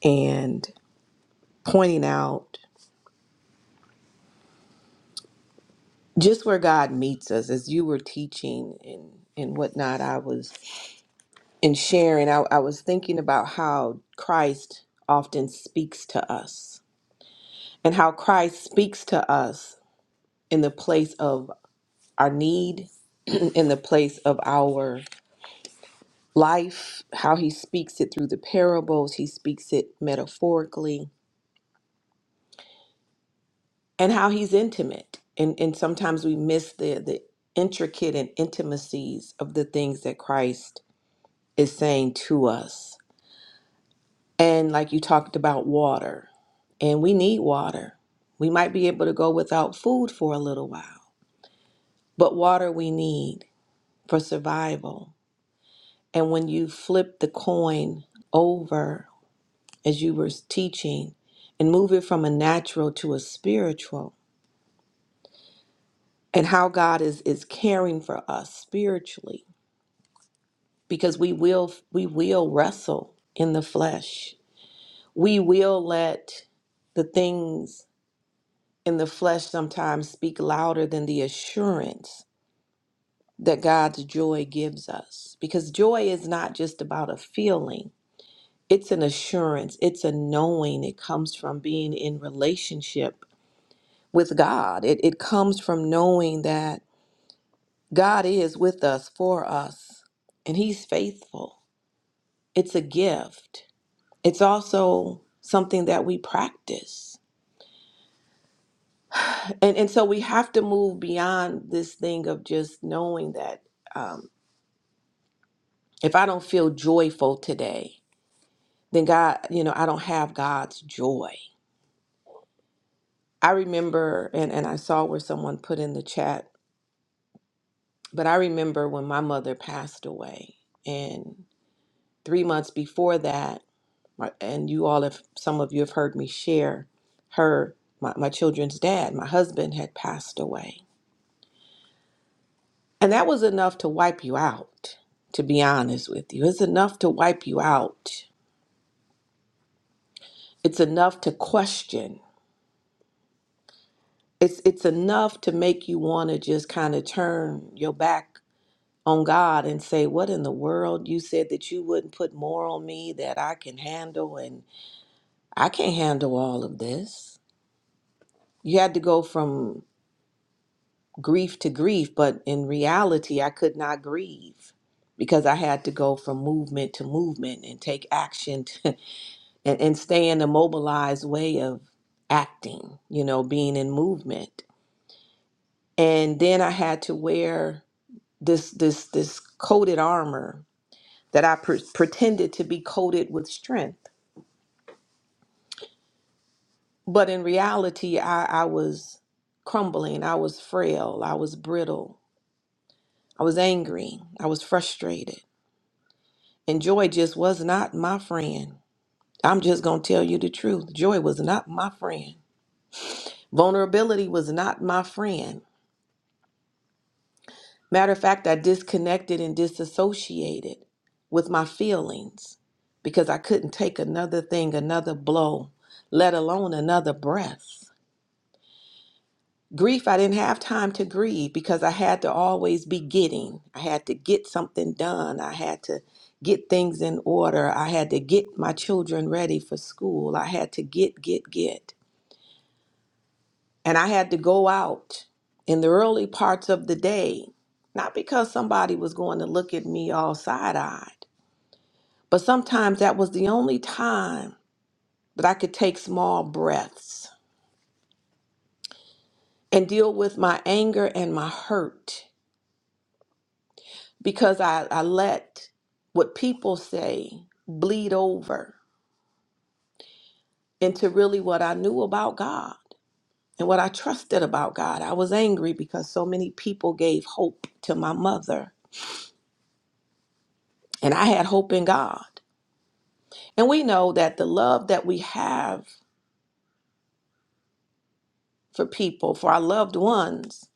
And pointing out just where God meets us, as you were teaching and, and whatnot, I was in sharing, I, I was thinking about how Christ often speaks to us and how Christ speaks to us in the place of our need, *clears throat* in the place of our life, how he speaks it through the parables, he speaks it metaphorically and how he's intimate and and sometimes we miss the the intricate and intimacies of the things that Christ is saying to us and like you talked about water and we need water we might be able to go without food for a little while but water we need for survival and when you flip the coin over as you were teaching and move it from a natural to a spiritual and how God is is caring for us spiritually because we will we will wrestle in the flesh. We will let the things in the flesh sometimes speak louder than the assurance that God's joy gives us. Because joy is not just about a feeling. It's an assurance, it's a knowing. It comes from being in relationship with God. It it comes from knowing that God is with us for us and he's faithful. It's a gift. it's also something that we practice. And, and so we have to move beyond this thing of just knowing that um, if I don't feel joyful today, then God, you know, I don't have God's joy. I remember, and, and I saw where someone put in the chat, but I remember when my mother passed away. And three months before that, my- and you all have, some of you have heard me share her, my, my children's dad, my husband had passed away. And that was enough to wipe you out, to be honest with you. It's enough to wipe you out. It's enough to question. It's it's enough to make you want to just kind of turn your back on God and say, "What in the world? You said that you wouldn't put more on me that I can handle and I can't handle all of this." You had to go from grief to grief, but in reality, I could not grieve because I had to go from movement to movement and take action *laughs* and, and stay in a mobilized way of acting, you know, being in movement. And then I had to wear this this this coated armor that I pre- pretended to be coated with strength, but in reality, I, I was crumbling. I was frail. I was brittle. I was angry. I was frustrated. And joy just was not my friend. I'm just gonna tell you the truth. Joy was not my friend. Vulnerability was not my friend. Matter of fact, I disconnected and disassociated with my feelings because I couldn't take another thing, another blow, let alone another breath. Grief, I didn't have time to grieve because I had to always be getting. I had to get something done. I had to get things in order. I had to get my children ready for school. I had to get, get, get. And I had to go out in the early parts of the day, not because somebody was going to look at me all side eyed, but sometimes that was the only time that I could take small breaths and deal with my anger and my hurt because I, I let what people say bleed over into really what I knew about God and what I trusted about God. I was angry because so many people gave hope to my mother, and I had hope in God. And we know that the love that we have for people, for our loved ones,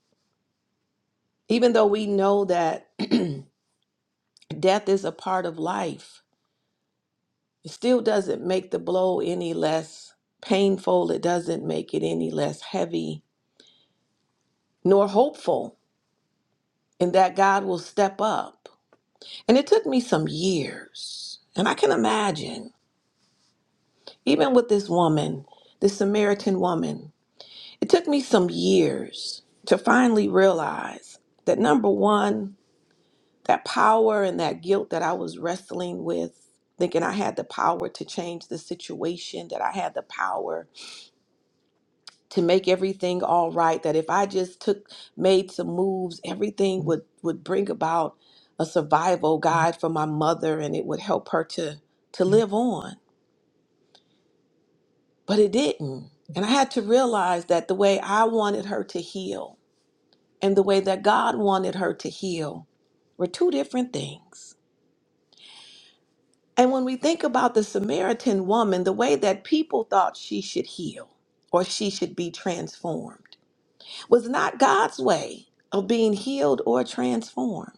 even though we know that *clears throat* death is a part of life, it still doesn't make the blow any less painful. It doesn't make it any less heavy, nor hopeful in that God will step up. And it took me some years. And I can imagine, even with this woman, this Samaritan woman, it took me some years to finally realize that number one, that power and that guilt that I was wrestling with, thinking I had the power to change the situation, that I had the power to make everything all right, that if I just took made some moves, everything would would bring about a survival guide for my mother and it would help her to to live on. But it didn't. And I had to realize that the way I wanted her to heal and the way that God wanted her to heal were two different things. And when we think about the Samaritan woman, the way that people thought she should heal or she should be transformed was not God's way of being healed or transformed.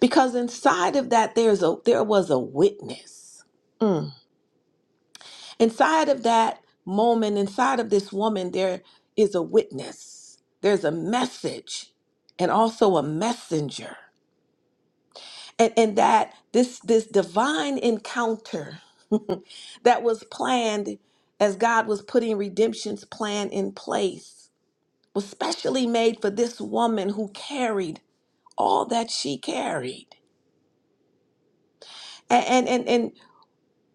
Because inside of that there's a there was a witness. Mm. Inside of that moment, inside of this woman there is a witness. There's a message and also a messenger. and, and that this this divine encounter *laughs* that was planned as God was putting redemption's plan in place was specially made for this woman who carried all that she carried. And and and, and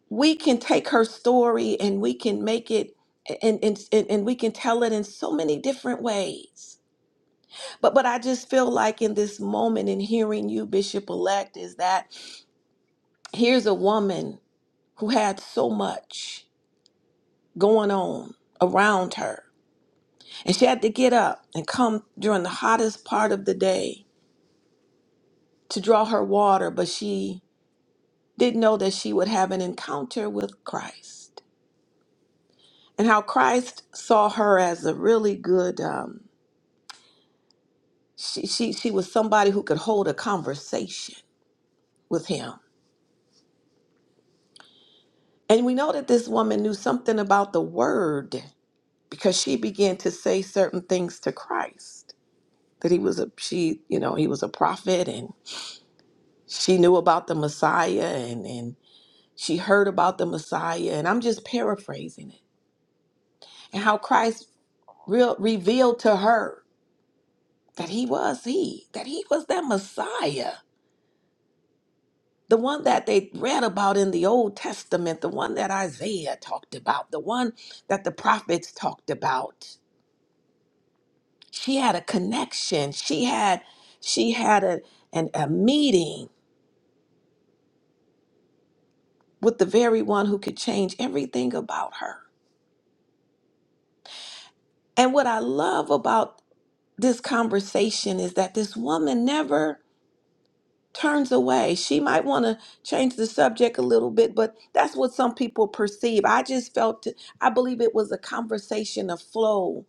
we can take her story and we can make it and, and and and we can tell it in so many different ways. But but I just feel like in this moment in hearing you, Bishop elect, is that here's a woman who had so much. going on around her. And she had to get up and come during the hottest part of the day to draw her water, but she didn't know that she would have an encounter with Christ. And how Christ saw her as a really good, um, she, she, she was somebody who could hold a conversation with him. And we know that this woman knew something about the word because she began to say certain things to Christ that he was a she you know he was a prophet and. she knew about the Messiah and, and she heard about the Messiah. And I'm just paraphrasing it. And how Christ real, revealed to her that he was he, that he was that Messiah, the one that they read about in the Old Testament, the one that Isaiah talked about, the one that the prophets talked about. She had a connection. She had she had a, an, a meeting with the very one who could change everything about her. And what I love about this conversation is that this woman never turns away. She might want to change the subject a little bit, but that's what some people perceive. I just felt, I believe it was a conversation of flow.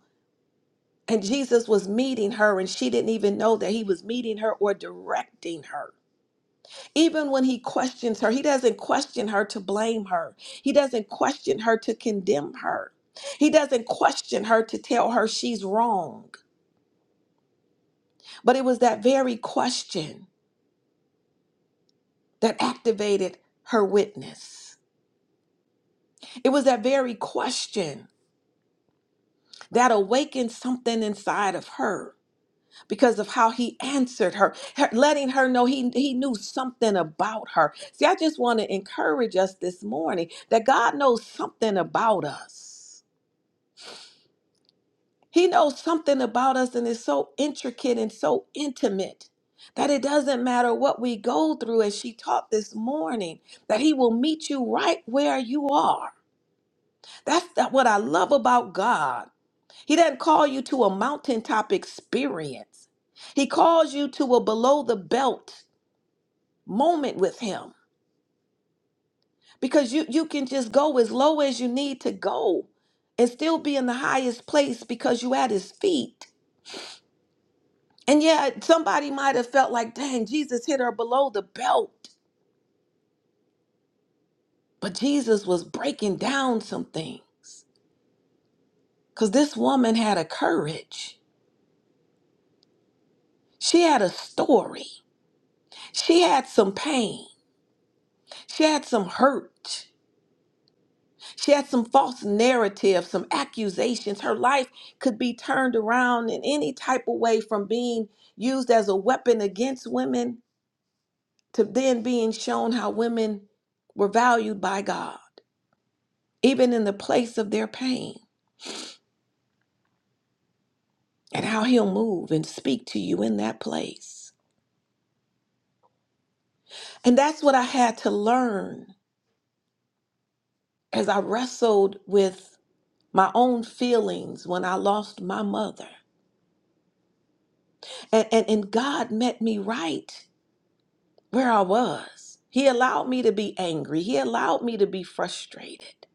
And Jesus was meeting her, and she didn't even know that he was meeting her or directing her. Even when he questions her, he doesn't question her to blame her, he doesn't question her to condemn her. He doesn't question her to tell her she's wrong, but it was that very question. that activated her witness. It was that very question that awakened something inside of her because of how he answered her, her- letting her know he, he knew something about her. See, I just want to encourage us this morning that God knows something about us. He knows something about us and is so intricate and so intimate that it doesn't matter what we go through, as she taught this morning, that He will meet you right where you are That's that, what I love about God. He doesn't call you to a mountaintop experience. He calls you to a below the belt moment with him because you you can just go as low as you need to go and still be in the highest place because you at his feet. And yeah, somebody might have felt like, "Dang, Jesus hit her below the belt." But Jesus was breaking down some things cuz this woman had a courage. She had a story. She had some pain. She had some hurt. She had some false narratives, some accusations. Her life could be turned around in any type of way from being used as a weapon against women to then being shown how women were valued by God, even in the place of their pain, and how He'll move and speak to you in that place. And that's what I had to learn as I wrestled with my own feelings when I lost my mother. And, and, and God met me right where I was. He allowed me to be angry. He allowed me to be frustrated.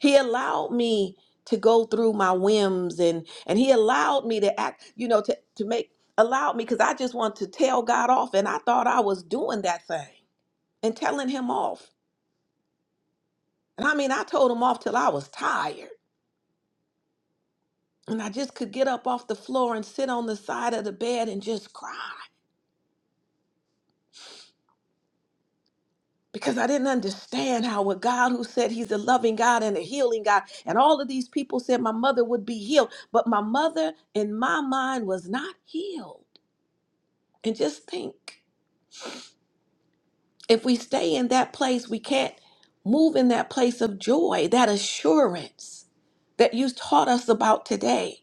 He allowed me to go through my whims and and he allowed me to act, you know, to, to make allowed me because I just wanted to tell God off and I thought I was doing that thing and telling him off. And I mean I told him off till I was tired. And I just could get up off the floor and sit on the side of the bed and just cry. because I didn't understand how a God who said he's a loving God and a healing God, and all of these people said my mother would be healed, but my mother in my mind was not healed. And just think if we stay in that place, we can't move in that place of joy, that assurance that you taught us about today.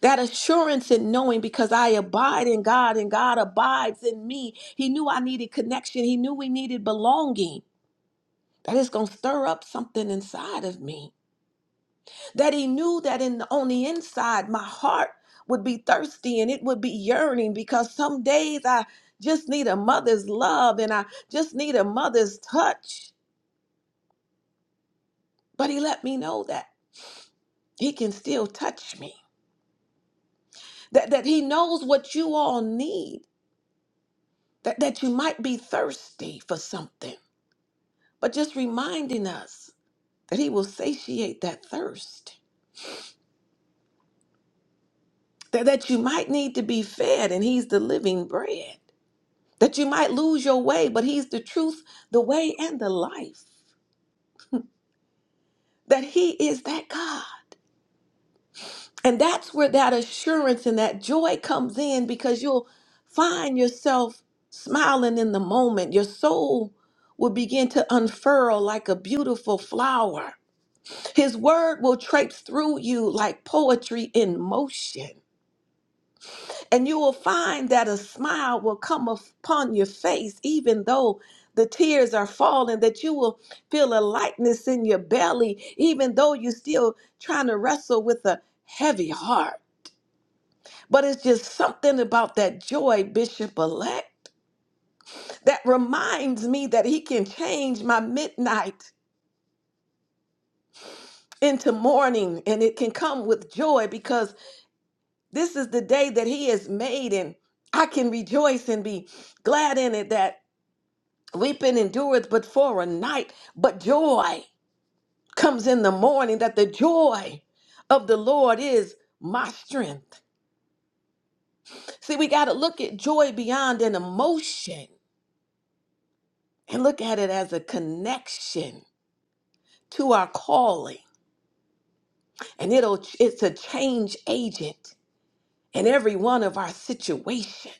That assurance in knowing because I abide in God and God abides in me. He knew I needed connection. He knew we needed belonging. that is going to stir up something inside of me. That he knew that in the, on the inside, my heart would be thirsty and it would be yearning because some days I just need a mother's love and I just need a mother's touch. But he let me know that he can still touch me, that, that he knows what you all need, that, that you might be thirsty for something. But just reminding us that he will satiate that thirst that, that you might need to be fed, and He's the living bread. That you might lose your way, but He's the truth, the way, and the life. That He is that God. And that's where that assurance and that joy comes in because you'll find yourself smiling in the moment. Your soul will begin to unfurl like a beautiful flower. His word will traipse through you like poetry in motion. And you will find that a smile will come upon your face, even though the tears are falling, that you will feel a lightness in your belly, even though you're still trying to wrestle with a heavy heart. But it's just something about that joy, Bishop elect, that reminds me that he can change my midnight into morning and it can come with joy because this is the day that he has made and I can rejoice and be glad in it that Weeping endureth but for a night, but joy comes in the morning, that the joy of the Lord is my strength. See, we got to look at joy beyond an emotion and look at it as a connection to our calling. And it'll it's a change agent in every one of our situation.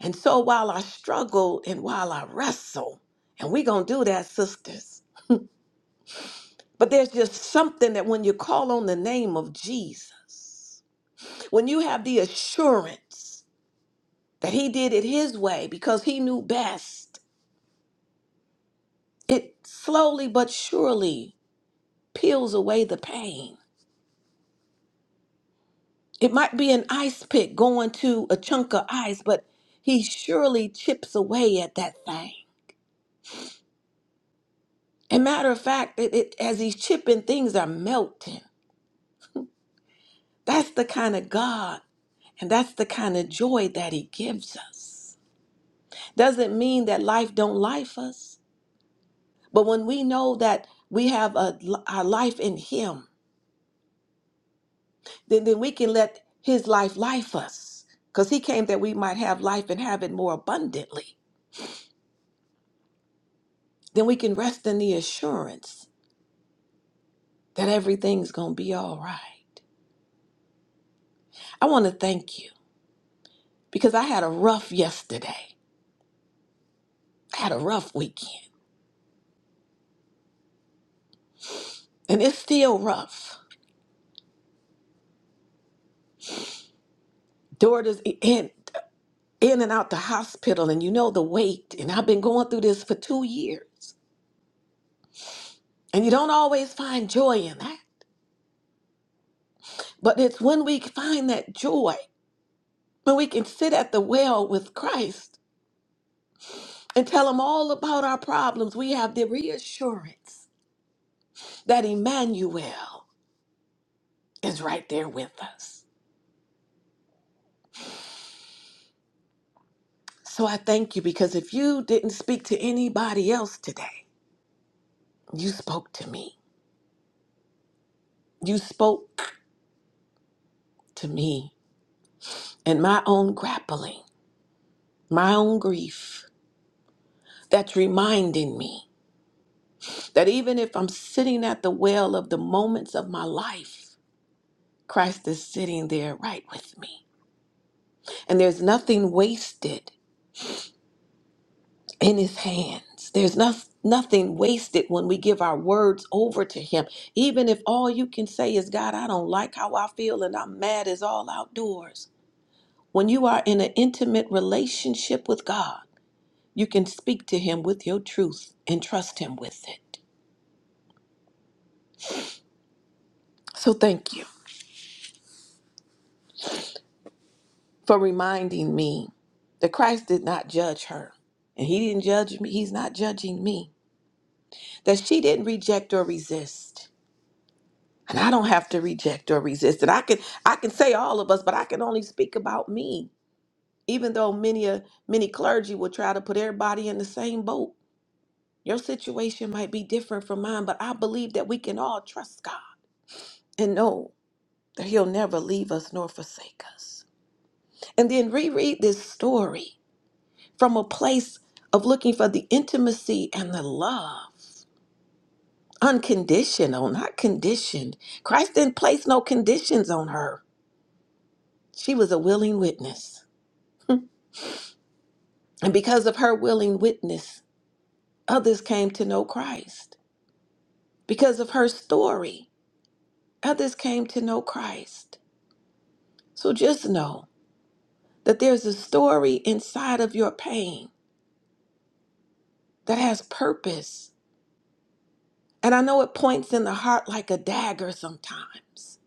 And so while I struggle and while I wrestle, and we going to do that, sisters. But there's just something that when you call on the name of Jesus, when you have the assurance that he did it his way because he knew best, it slowly but surely peels away the pain. It might be an ice pick going to a chunk of ice, but he surely chips away at that thing. And matter of fact, it, it- as he's chipping, things are melting. That's the kind of God, and that's the kind of joy that he gives us. Doesn't mean that life don't life us. But when we know that we have a, our life in Him, then, then we can let His life life us because He came that we might have life and have it more abundantly. Then we can rest in the assurance that everything's going to be all right. I want to thank you because I had a rough yesterday. I had a rough weekend, and it's still rough. Daughters in, in and out the hospital, and you know the wait. And I've been going through this for two years, and you don't always find joy in that. But it's when we find that joy, when we can sit at the well with Christ and tell him all about our problems, we have the reassurance that Emmanuel is right there with us. So I thank you because if you didn't speak to anybody else today, you spoke to me. You spoke to me and my own grappling, my own grief that's reminding me that even if I'm sitting at the well of the moments of my life, Christ is sitting there right with me. And there's nothing wasted in his hands. There's no, nothing wasted when we give our words over to him. Even if all you can say is, God, I don't like how I feel and I'm mad as all outdoors. When you are in an intimate relationship with God, you can speak to him with your truth and trust him with it. So thank you for reminding me that Christ did not judge her. And he didn't judge me. He's not judging me. that she didn't reject or resist. And I don't have to reject or resist. And I can I can say all of us, but I can only speak about me. Even though many a many clergy will try to put everybody in the same boat. Your situation might be different from mine, but I believe that we can all trust God and know that He'll never leave us nor forsake us. And then reread this story from a place of looking for the intimacy and the love Unconditional, not conditioned. Christ didn't place no conditions on her. She was a willing witness. And because of her willing witness, others came to know Christ. Because of her story, others came to know Christ. So just know that there's a story inside of your pain that has purpose. And I know it points in the heart like a dagger sometimes,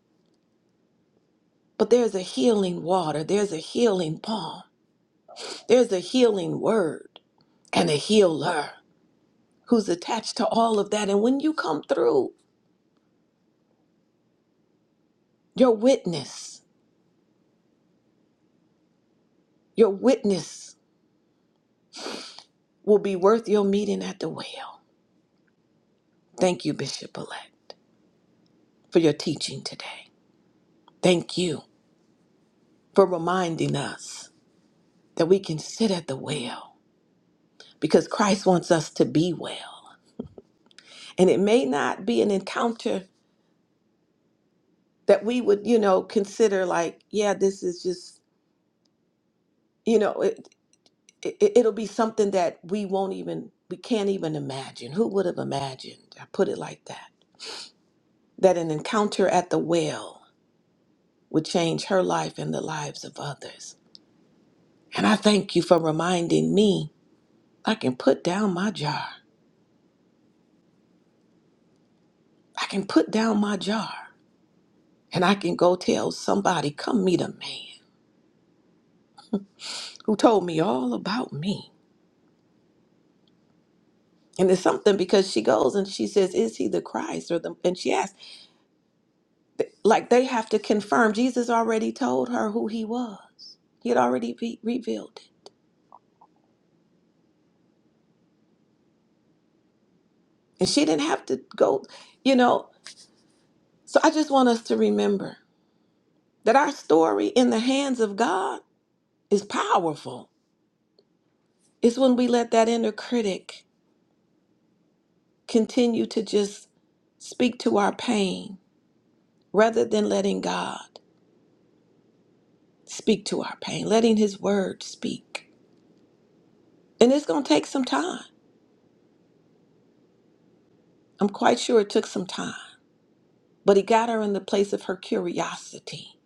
but there's a healing water, there's a healing balm. There's a healing word and a healer who's attached to all of that. And when you come through, your witness, your witness will be worth your meeting at the well. Thank you, Bishop elect, for your teaching today. Thank you for reminding us that we can sit at the well because Christ wants us to be well. And it may not be an encounter that we would, you know, consider like, yeah, this is just, you know, it, it- it'll be something that we won't even we can't even imagine who would have imagined i put it like that that an encounter at the well would change her life and the lives of others and i thank you for reminding me i can put down my jar i can put down my jar and i can go tell somebody come meet a man who told me all about me and it's something because she goes and she says is he the christ or the and she asks Like they have to confirm. Jesus already told her who he was, he had already be revealed it. And she didn't have to go, you know. So I just want us to remember that our story in the hands of God is powerful. It's when we let that inner critic continue to just speak to our pain rather than letting God speak to our pain, letting His Word speak. And it's going to take some time. I'm quite sure it took some time. But he got her in the place of her curiosity,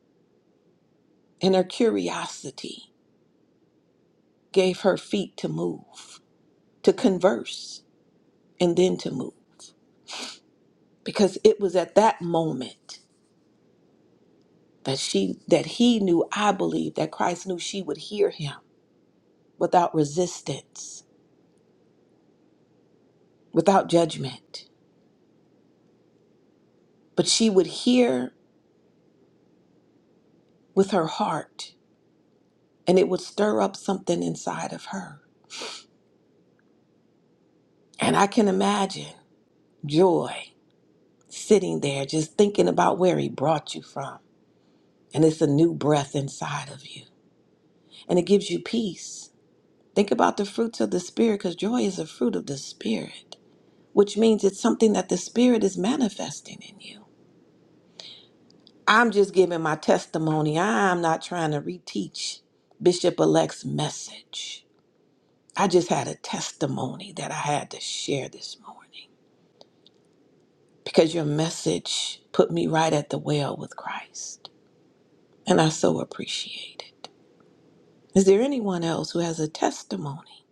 and her curiosity gave her feet to move, to converse, and then to move. Because it was at that moment that she that he knew, I believe, that Christ knew she would hear him without resistance, without judgment. But she would hear with her heart, and it would stir up something inside of her. And I can imagine joy sitting there just thinking about where he brought you from. And it's a new breath inside of you. And it gives you peace. Think about the fruits of the Spirit because joy is a fruit of the Spirit, which means it's something that the Spirit is manifesting in you. I'm just giving my testimony. I'm not trying to reteach Bishop elect's message. I just had a testimony that I had to share this morning because your message put me right at the well with Christ. And I so appreciate it. Is there anyone else who has a testimony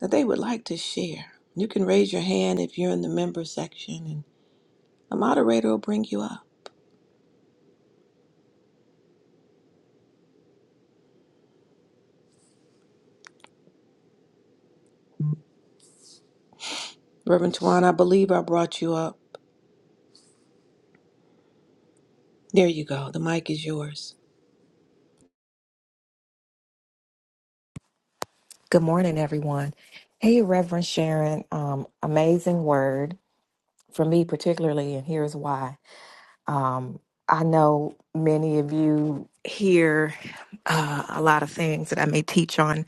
that they would like to share? You can raise your hand if you're in the member section, and a moderator will bring you up. Reverend Tuan, I believe I brought you up. There you go. The mic is yours. Good morning, everyone. Hey, Reverend Sharon. Um, amazing word for me, particularly, and here's why. Um, I know many of you hear uh, a lot of things that I may teach on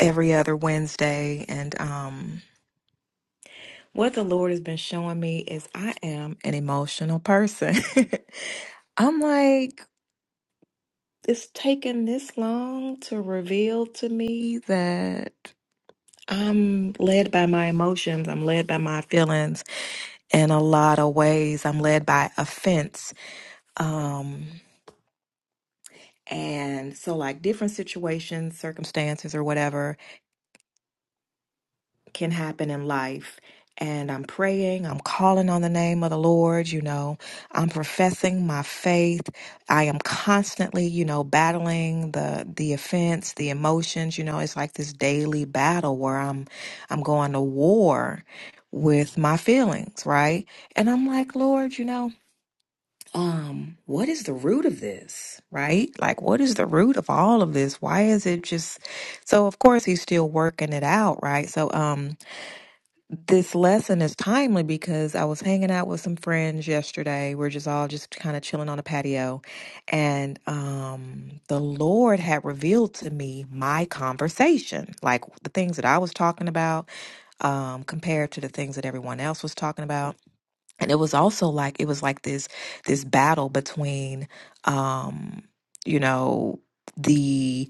every other Wednesday, and um, what the Lord has been showing me is I am an emotional person. *laughs* I'm like, it's taken this long to reveal to me that. I'm led by my emotions. I'm led by my feelings in a lot of ways. I'm led by offense. Um, and so, like different situations, circumstances, or whatever, can happen in life. And I'm praying, I'm calling on the name of the Lord, you know, I'm professing my faith. I am constantly, you know, battling the the offense, the emotions, you know, it's like this daily battle where I'm I'm going to war with my feelings, right? And I'm like, Lord, you know, um, what is the root of this, right? Like what is the root of all of this? Why is it just so of course he's still working it out, right? So um this lesson is timely because I was hanging out with some friends yesterday. We're just all just kind of chilling on the patio. And um, the Lord had revealed to me my conversation, like the things that I was talking about um, compared to the things that everyone else was talking about. And it was also like it was like this this battle between um, you know, the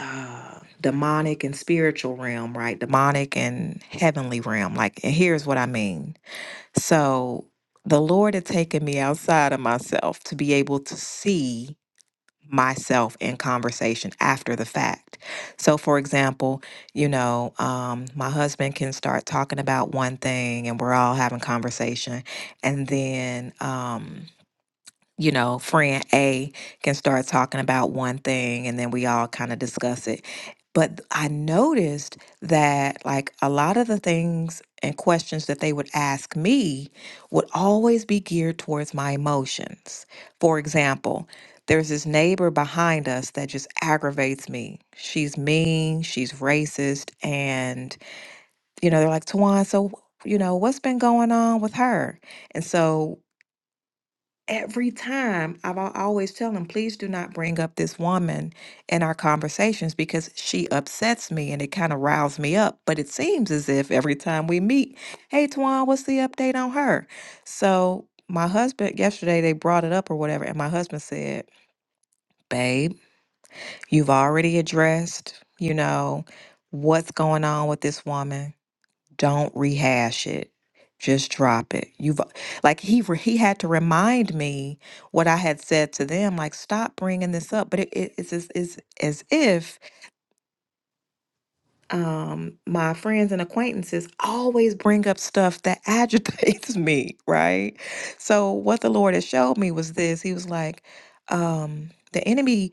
uh demonic and spiritual realm, right? Demonic and heavenly realm. Like, and here's what I mean. So, the Lord had taken me outside of myself to be able to see myself in conversation after the fact. So, for example, you know, um, my husband can start talking about one thing and we're all having conversation. And then, um, you know, friend A can start talking about one thing and then we all kind of discuss it. But I noticed that, like, a lot of the things and questions that they would ask me would always be geared towards my emotions. For example, there's this neighbor behind us that just aggravates me. She's mean, she's racist, and, you know, they're like, Tawan, so, you know, what's been going on with her? And so every time I've al- I always tell him, please do not bring up this woman in our conversations because she upsets me and it kind of riles me up. But it seems as if every time we meet, hey Tuan, what's the update on her? So my husband yesterday they brought it up or whatever, and my husband said, Babe, you've already addressed, you know, what's going on with this woman don't rehash it. Just drop it. You've like he re- he had to remind me what I had said to them. Like stop bringing this up. But it, it- it's, as, it's as if um, my friends and acquaintances always bring up stuff that *laughs* agitates me. Right. So what the Lord has showed me was this. He was like, um, the enemy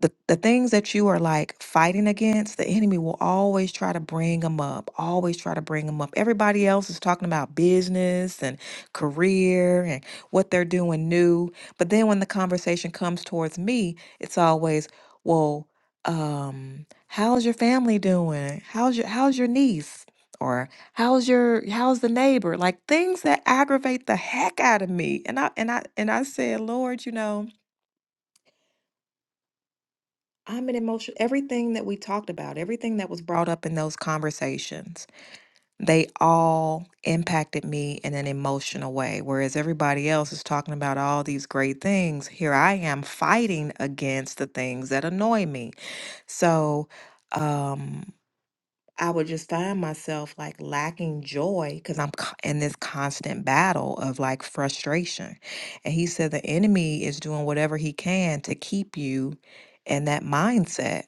the, the things that you are like fighting against, the enemy will always try to bring them up, always try to bring them up. Everybody else is talking about business and career and what they're doing new. But then when the conversation comes towards me, it's always, well, um, how's your family doing? How's your how's your niece? Or how's your how's the neighbor? Like things that aggravate the heck out of me. And I and I and I said, Lord, you know. I'm an emotional, everything that we talked about, everything that was brought up in those conversations, they all impacted me in an emotional way. Whereas everybody else is talking about all these great things, here I am fighting against the things that annoy me. So, um, I would just find myself like lacking joy because I'm co- in this constant battle of like frustration. And he said the enemy is doing whatever he can to keep you in that mindset.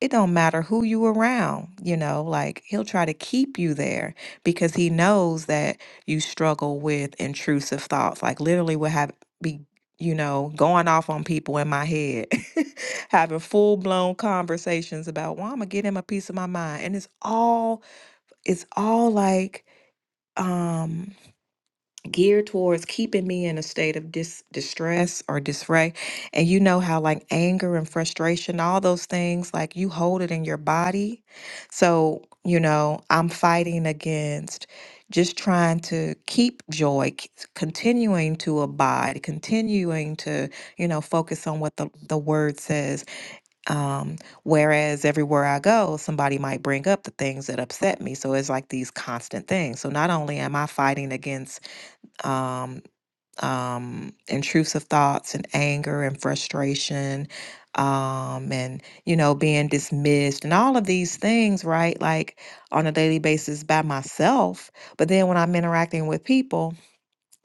It don't matter who you around, you know, like he'll try to keep you there because he knows that you struggle with intrusive thoughts. Like literally would have be, you know, going off on people in my head. *laughs* having full blown conversations about, well, I'm gonna get him a piece of my mind. And it's all it's all like um geared towards keeping me in a state of dis distress or disarray. And you know how like anger and frustration, all those things, like you hold it in your body. So, you know, I'm fighting against just trying to keep joy, c- continuing to abide, continuing to, you know, focus on what the, the word says um, whereas everywhere I go, somebody might bring up the things that upset me. So it's like these constant things. So not only am I fighting against um, um, intrusive thoughts and anger and frustration um, and, you know, being dismissed and all of these things, right? Like on a daily basis by myself. But then when I'm interacting with people,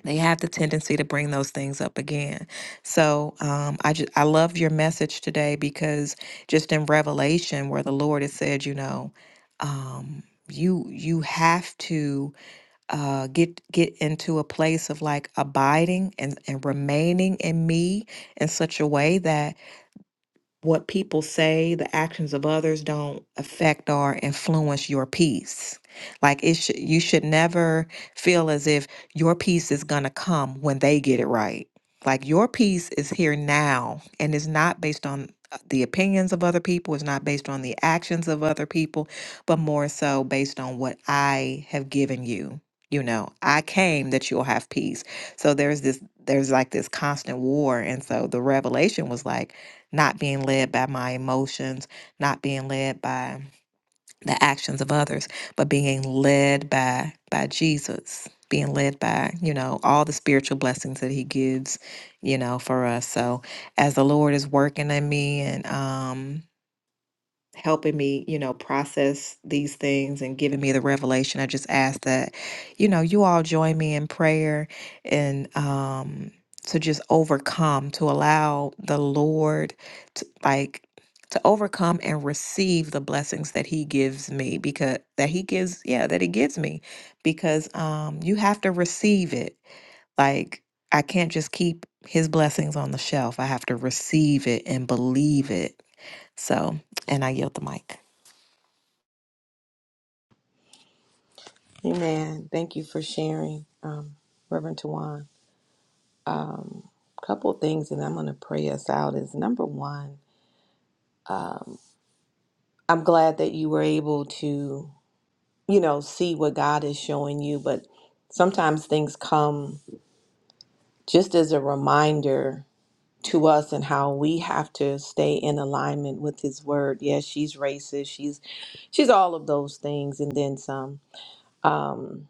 they have the tendency to bring those things up again. So um, I just I loved your message today because just in Revelation where the Lord has said, you know, um, you you have to uh, get get into a place of like abiding and and remaining in me in such a way that what people say, the actions of others don't affect or influence your peace. Like it should you should never feel as if your peace is going to come when they get it right. Like your peace is here now and it's not based on uh, the opinions of other people, it's not based on the actions of other people, but more so based on what I have given you. You know, I came that you'll have peace. So there's this there's like this constant war and so the revelation was like not being led by my emotions, not being led by the actions of others, but being led by by Jesus, being led by, you know, all the spiritual blessings that he gives, you know, for us. So as the Lord is working in me and um helping me, you know, process these things and giving me the revelation. I just ask that, you know, you all join me in prayer and um to just overcome, to allow the Lord to like to overcome and receive the blessings that he gives me because that he gives yeah that he gives me because um you have to receive it like i can't just keep his blessings on the shelf i have to receive it and believe it so and i yield the mic Amen. Thank you for sharing, um, Reverend Tuan. A um, couple of things, and I'm going to pray us out. Is number one, I'm glad that you were able to, you know, see what God is showing you, but sometimes things come just as a reminder to us and how we have to stay in alignment with his word. Yes, she's racist. She's she's all of those things and then some. Um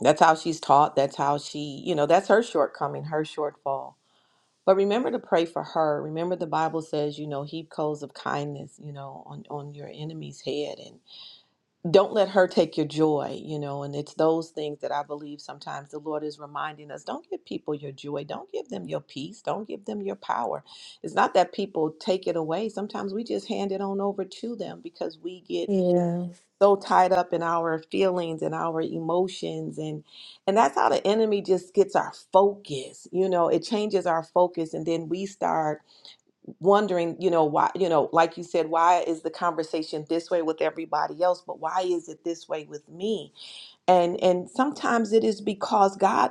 that's how she's taught. That's how she, you know, that's her shortcoming, her shortfall. But remember to pray for her. Remember the Bible says, you know, heap coals of kindness, you know, on on your enemy's head don't let her take your joy, you know. And it's those things that I believe sometimes the Lord is reminding us don't give people your joy, don't give them your peace, don't give them your power. It's not that people take it away, sometimes we just hand it on over to them because we get Yeah. so tied up in our feelings and our emotions and and that's how the enemy just gets our focus you know it changes our focus and then we start wondering, you know, why, you know, like you said, why is the conversation this way with everybody else, but why is it this way with me? And and sometimes it is because God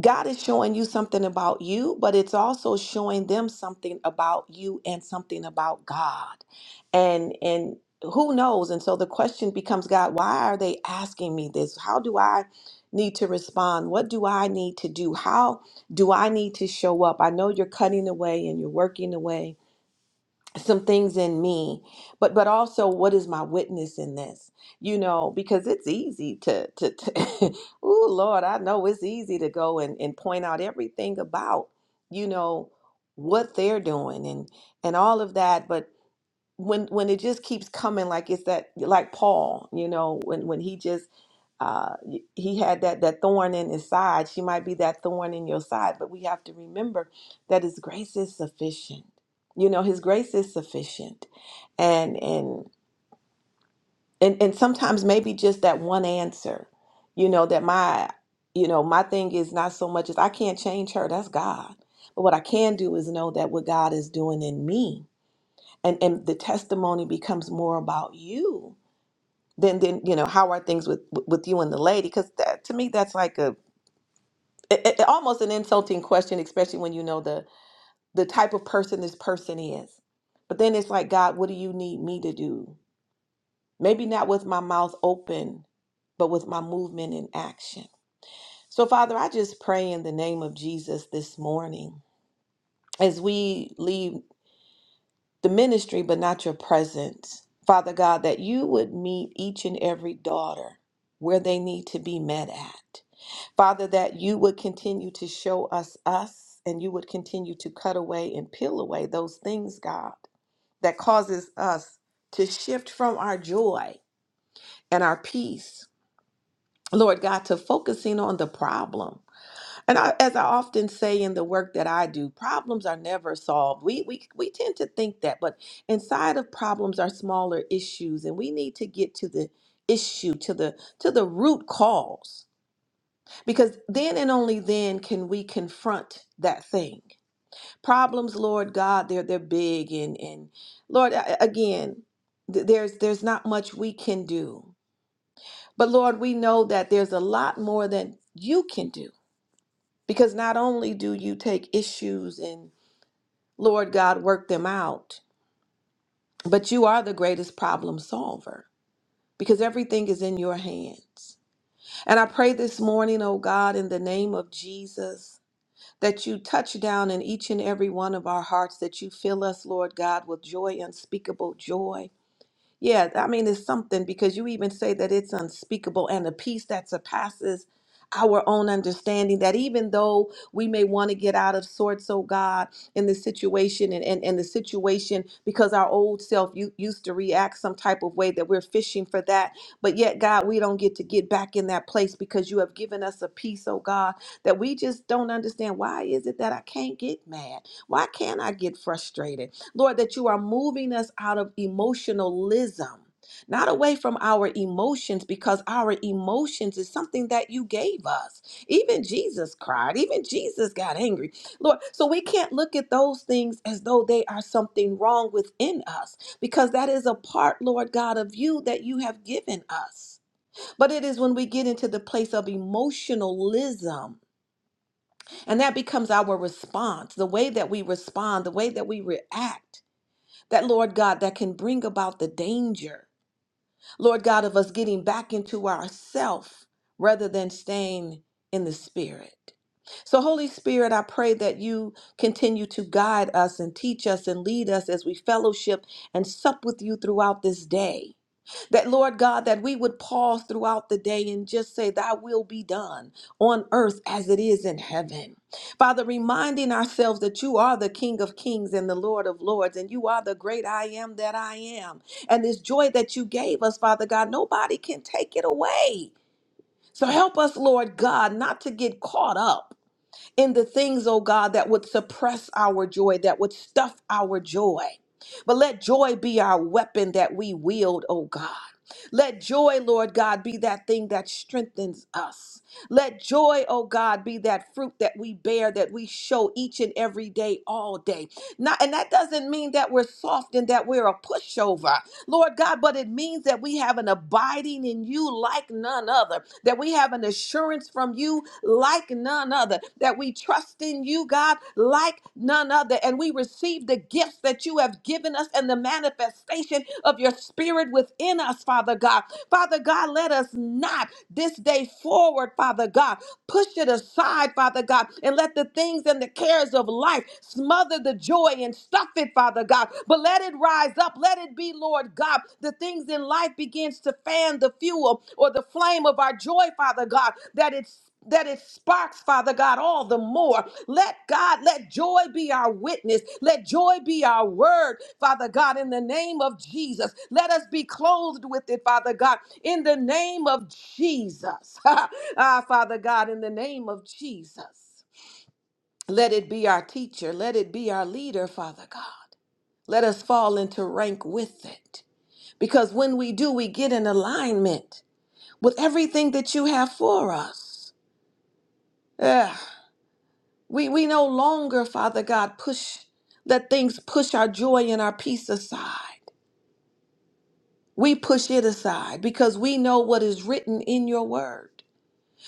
God is showing you something about you, but it's also showing them something about you and something about God. And and who knows? And so the question becomes, God, why are they asking me this? How do I need to respond? What do I need to do? How do I need to show up? I know you're cutting away and you're working away some things in me but but also what is my witness in this you know because it's easy to to, to *laughs* oh lord i know it's easy to go and, and point out everything about you know what they're doing and and all of that when when it just keeps coming like it's that like Paul, you know, when when he just uh he had that that thorn in his side. She might be that thorn in your side, but we have to remember that his grace is sufficient. You know, his grace is sufficient. And and and and sometimes maybe just that one answer, you know, that my you know, my thing is not so much as I can't change her, that's God. But what I can do is know that what God is doing in me and and the testimony becomes more about you than than you know how are things with with you and the lady because that to me that's like a it, it- almost an insulting question especially when you know the the type of person this person is but then it's like god what do you need me to do maybe not with my mouth open but with my movement and action so father i just pray in the name of jesus this morning as we leave the ministry, but not your presence. Father God, that you would meet each and every daughter where they need to be met at. Father, that you would continue to show us us and you would continue to cut away and peel away those things, God, that causes us to shift from our joy and our peace, Lord God, to focusing on the problem and I, as I often say in the work that I do, problems are never solved. We, we, we tend to think that, but inside of problems are smaller issues, and we need to get to the issue, to the to the root cause, because then and only then can we confront that thing. Problems, Lord God, they're they're big, and and Lord, I- again, th- there's there's not much we can do, but Lord, we know that there's a lot more than you can do. Because not only do you take issues and, Lord God, work them out, but you are the greatest problem solver because everything is in your hands. And I pray this morning, oh God, in the name of Jesus, that you touch down in each and every one of our hearts, that you fill us, Lord God, with joy, unspeakable joy Yeah, I mean, it's something because you even say that it's unspeakable and a peace that surpasses our own understanding. That even though we may want to get out of sorts, oh God, in the situation and, and, and the situation because our old self u- used to react some type of way that we're fishing for that. But yet, God, we don't get to get back in that place because you have given us a peace, oh God, that we just don't understand. Why is it that I can't get mad? Why can't I get frustrated? Lord, that you are moving us out of emotionalism, not away from our emotions, because our emotions is something that you gave us. Even Jesus cried, even Jesus got angry. Lord, so we can't look at those things as though they are something wrong within us, because that is a part, Lord God, of you that you have given us. But it is when we get into the place of emotionalism, and that becomes our response, the way that we respond, the way that we react that Lord God, that can bring about the danger, Lord God, of us getting back into ourself rather than staying in the Spirit. So, Holy Spirit, I pray that you continue to guide us and teach us and lead us as we fellowship and sup with you throughout this day. That, Lord God, that we would pause throughout the day and just say, Thy will be done on earth as it is in heaven. Father, reminding ourselves that you are the King of kings and the Lord of lords, and you are the great I am that I am. And this joy that you gave us, Father God, nobody can take it away. So help us, Lord God, not to get caught up in the things, oh God, that would suppress our joy, that would stuff our joy. But let joy be our weapon that we wield, oh God. Let joy, Lord God, be that thing that strengthens us. Let joy, oh God, be that fruit that we bear, that we show each and every day, all day. Not, and that doesn't mean that we're soft and that we're a pushover, Lord God, but it means that we have an abiding in you like none other, that we have an assurance from you like none other, that we trust in you, God, like none other, and we receive the gifts that you have given us and the manifestation of your spirit within us, Father God. Father God, let us not this day forward, Father God, push it aside, Father God, and let the things and the cares of of life. Smother the joy and stuff it, Father God. But let it rise up. Let it be, Lord God. The things in life begins to fan the fuel or the flame of our joy, Father God, that it's that it sparks, Father God, all the more. Let God, let joy be our witness. Let joy be our word, Father God, in the name of Jesus. Let us be clothed with it, Father God, in the name of Jesus. *laughs* ah, Father God, in the name of Jesus. Let it be our teacher. Let it be our leader, Father God. Let us fall into rank with it. Because when we do, we get in alignment with everything that you have for us. Ugh. We, we no longer, Father God, push, let things push our joy and our peace aside. We push it aside because we know what is written in your word.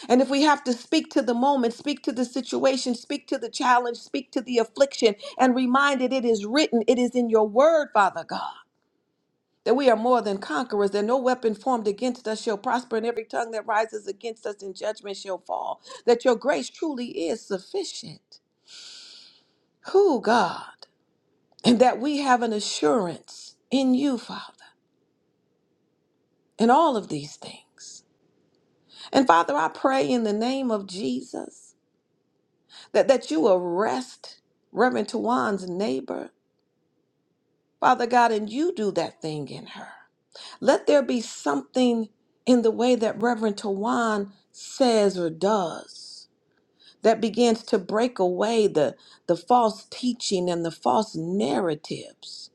And if we have to speak to the moment, speak to the situation, speak to the challenge, speak to the affliction, and remind it it is written, it is in your word, Father God, that we are more than conquerors, that no weapon formed against us shall prosper, and every tongue that rises against us in judgment shall fall, that your grace truly is sufficient. Who, God? And that we have an assurance in you, Father, in all of these things. And Father, I pray in the name of Jesus that, that you arrest Reverend Tawan's neighbor, Father God, and you do that thing in her. Let there be something in the way that Reverend Tawan says or does that begins to break away the, the false teaching and the false narratives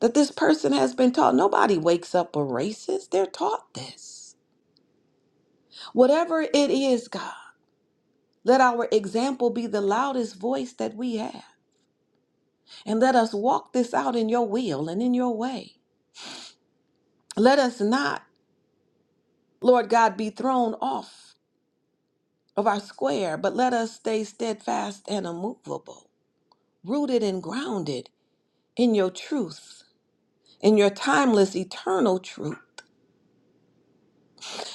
that this person has been taught. Nobody wakes up a racist, they're taught this. Whatever it is, God, let our example be the loudest voice that we have. And let us walk this out in your will and in your way. Let us not, Lord God, be thrown off of our square, but let us stay steadfast and immovable, rooted and grounded in your truth, in your timeless, eternal truth,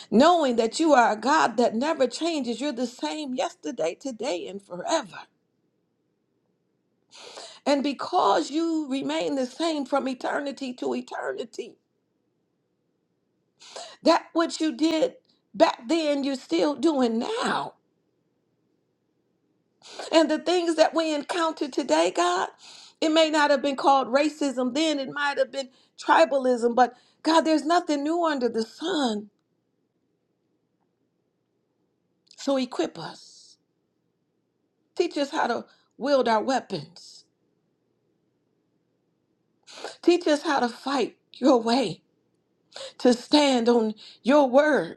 knowing that you are a God that never changes. You're the same yesterday, today, and forever. And because you remain the same from eternity to eternity, that which you did back then, you're still doing now. And the things that we encounter today, God, it may not have been called racism then, it might have been tribalism, but God, there's nothing new under the sun. So equip us. Teach us how to wield our weapons. Teach us how to fight your way, to stand on your word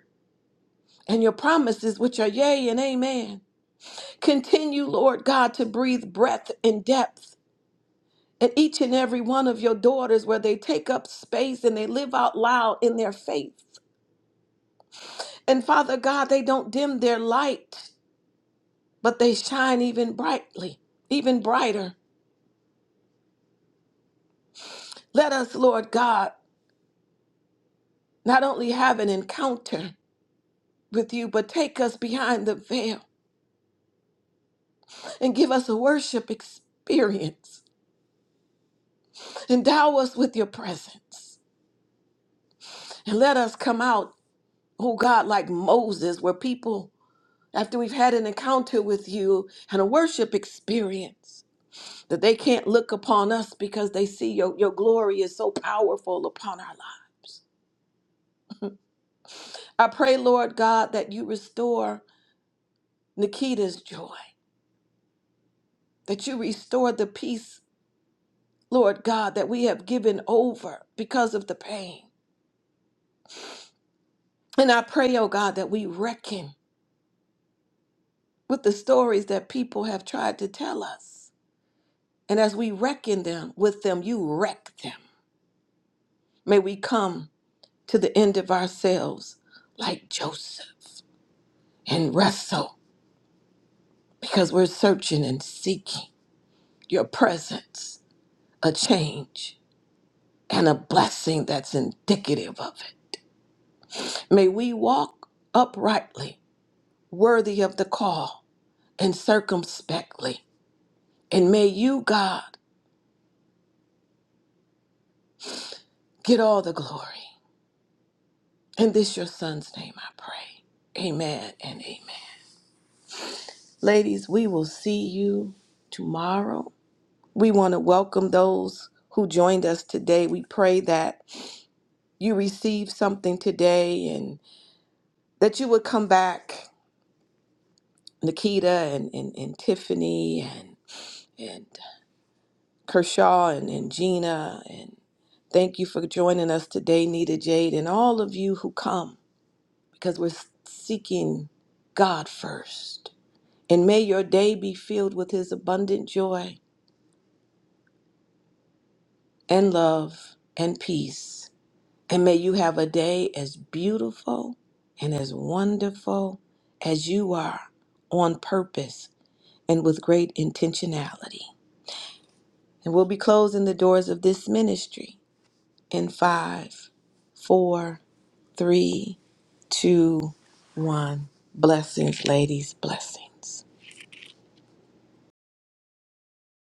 and your promises, which are yea and amen. Continue, Lord God, to breathe breadth and depth in each and every one of your daughters where they take up space and they live out loud in their faith. And Father God, they don't dim their light, but they shine even brightly, even brighter. Let us, Lord God, not only have an encounter with you, but take us behind the veil and give us a worship experience. Endow us with your presence. And let us come out, oh God, like Moses, where people, after we've had an encounter with you and a worship experience, that they can't look upon us because they see your, your glory is so powerful upon our lives. I pray, Lord God, that you restore Nikita's joy, that you restore the peace, Lord God, that we have given over because of the pain. And I pray, oh God, that we reckon with the stories that people have tried to tell us. And as we reckon them with them, you wreck them. May we come to the end of ourselves like Joseph and wrestle because we're searching and seeking your presence, a change. and a blessing that's indicative of it. May we walk uprightly, worthy of the call, and circumspectly. And may you, God, get all the glory. In this your son's name I pray. Amen and amen. Ladies, we will see you tomorrow. We want to welcome those who joined us today. We pray that you receive something today and that you would come back, Nikita and, and, and Tiffany and and Kershaw and, and Gina. And thank you for joining us today, Nita Jade, and all of you who come because we're seeking God first. And may your day be filled with His abundant joy and love and peace. And may you have a day as beautiful and as wonderful as you are on purpose and with great intentionality. And we'll be closing the doors of this ministry in five, four, three, two, one. Blessings, ladies, blessings.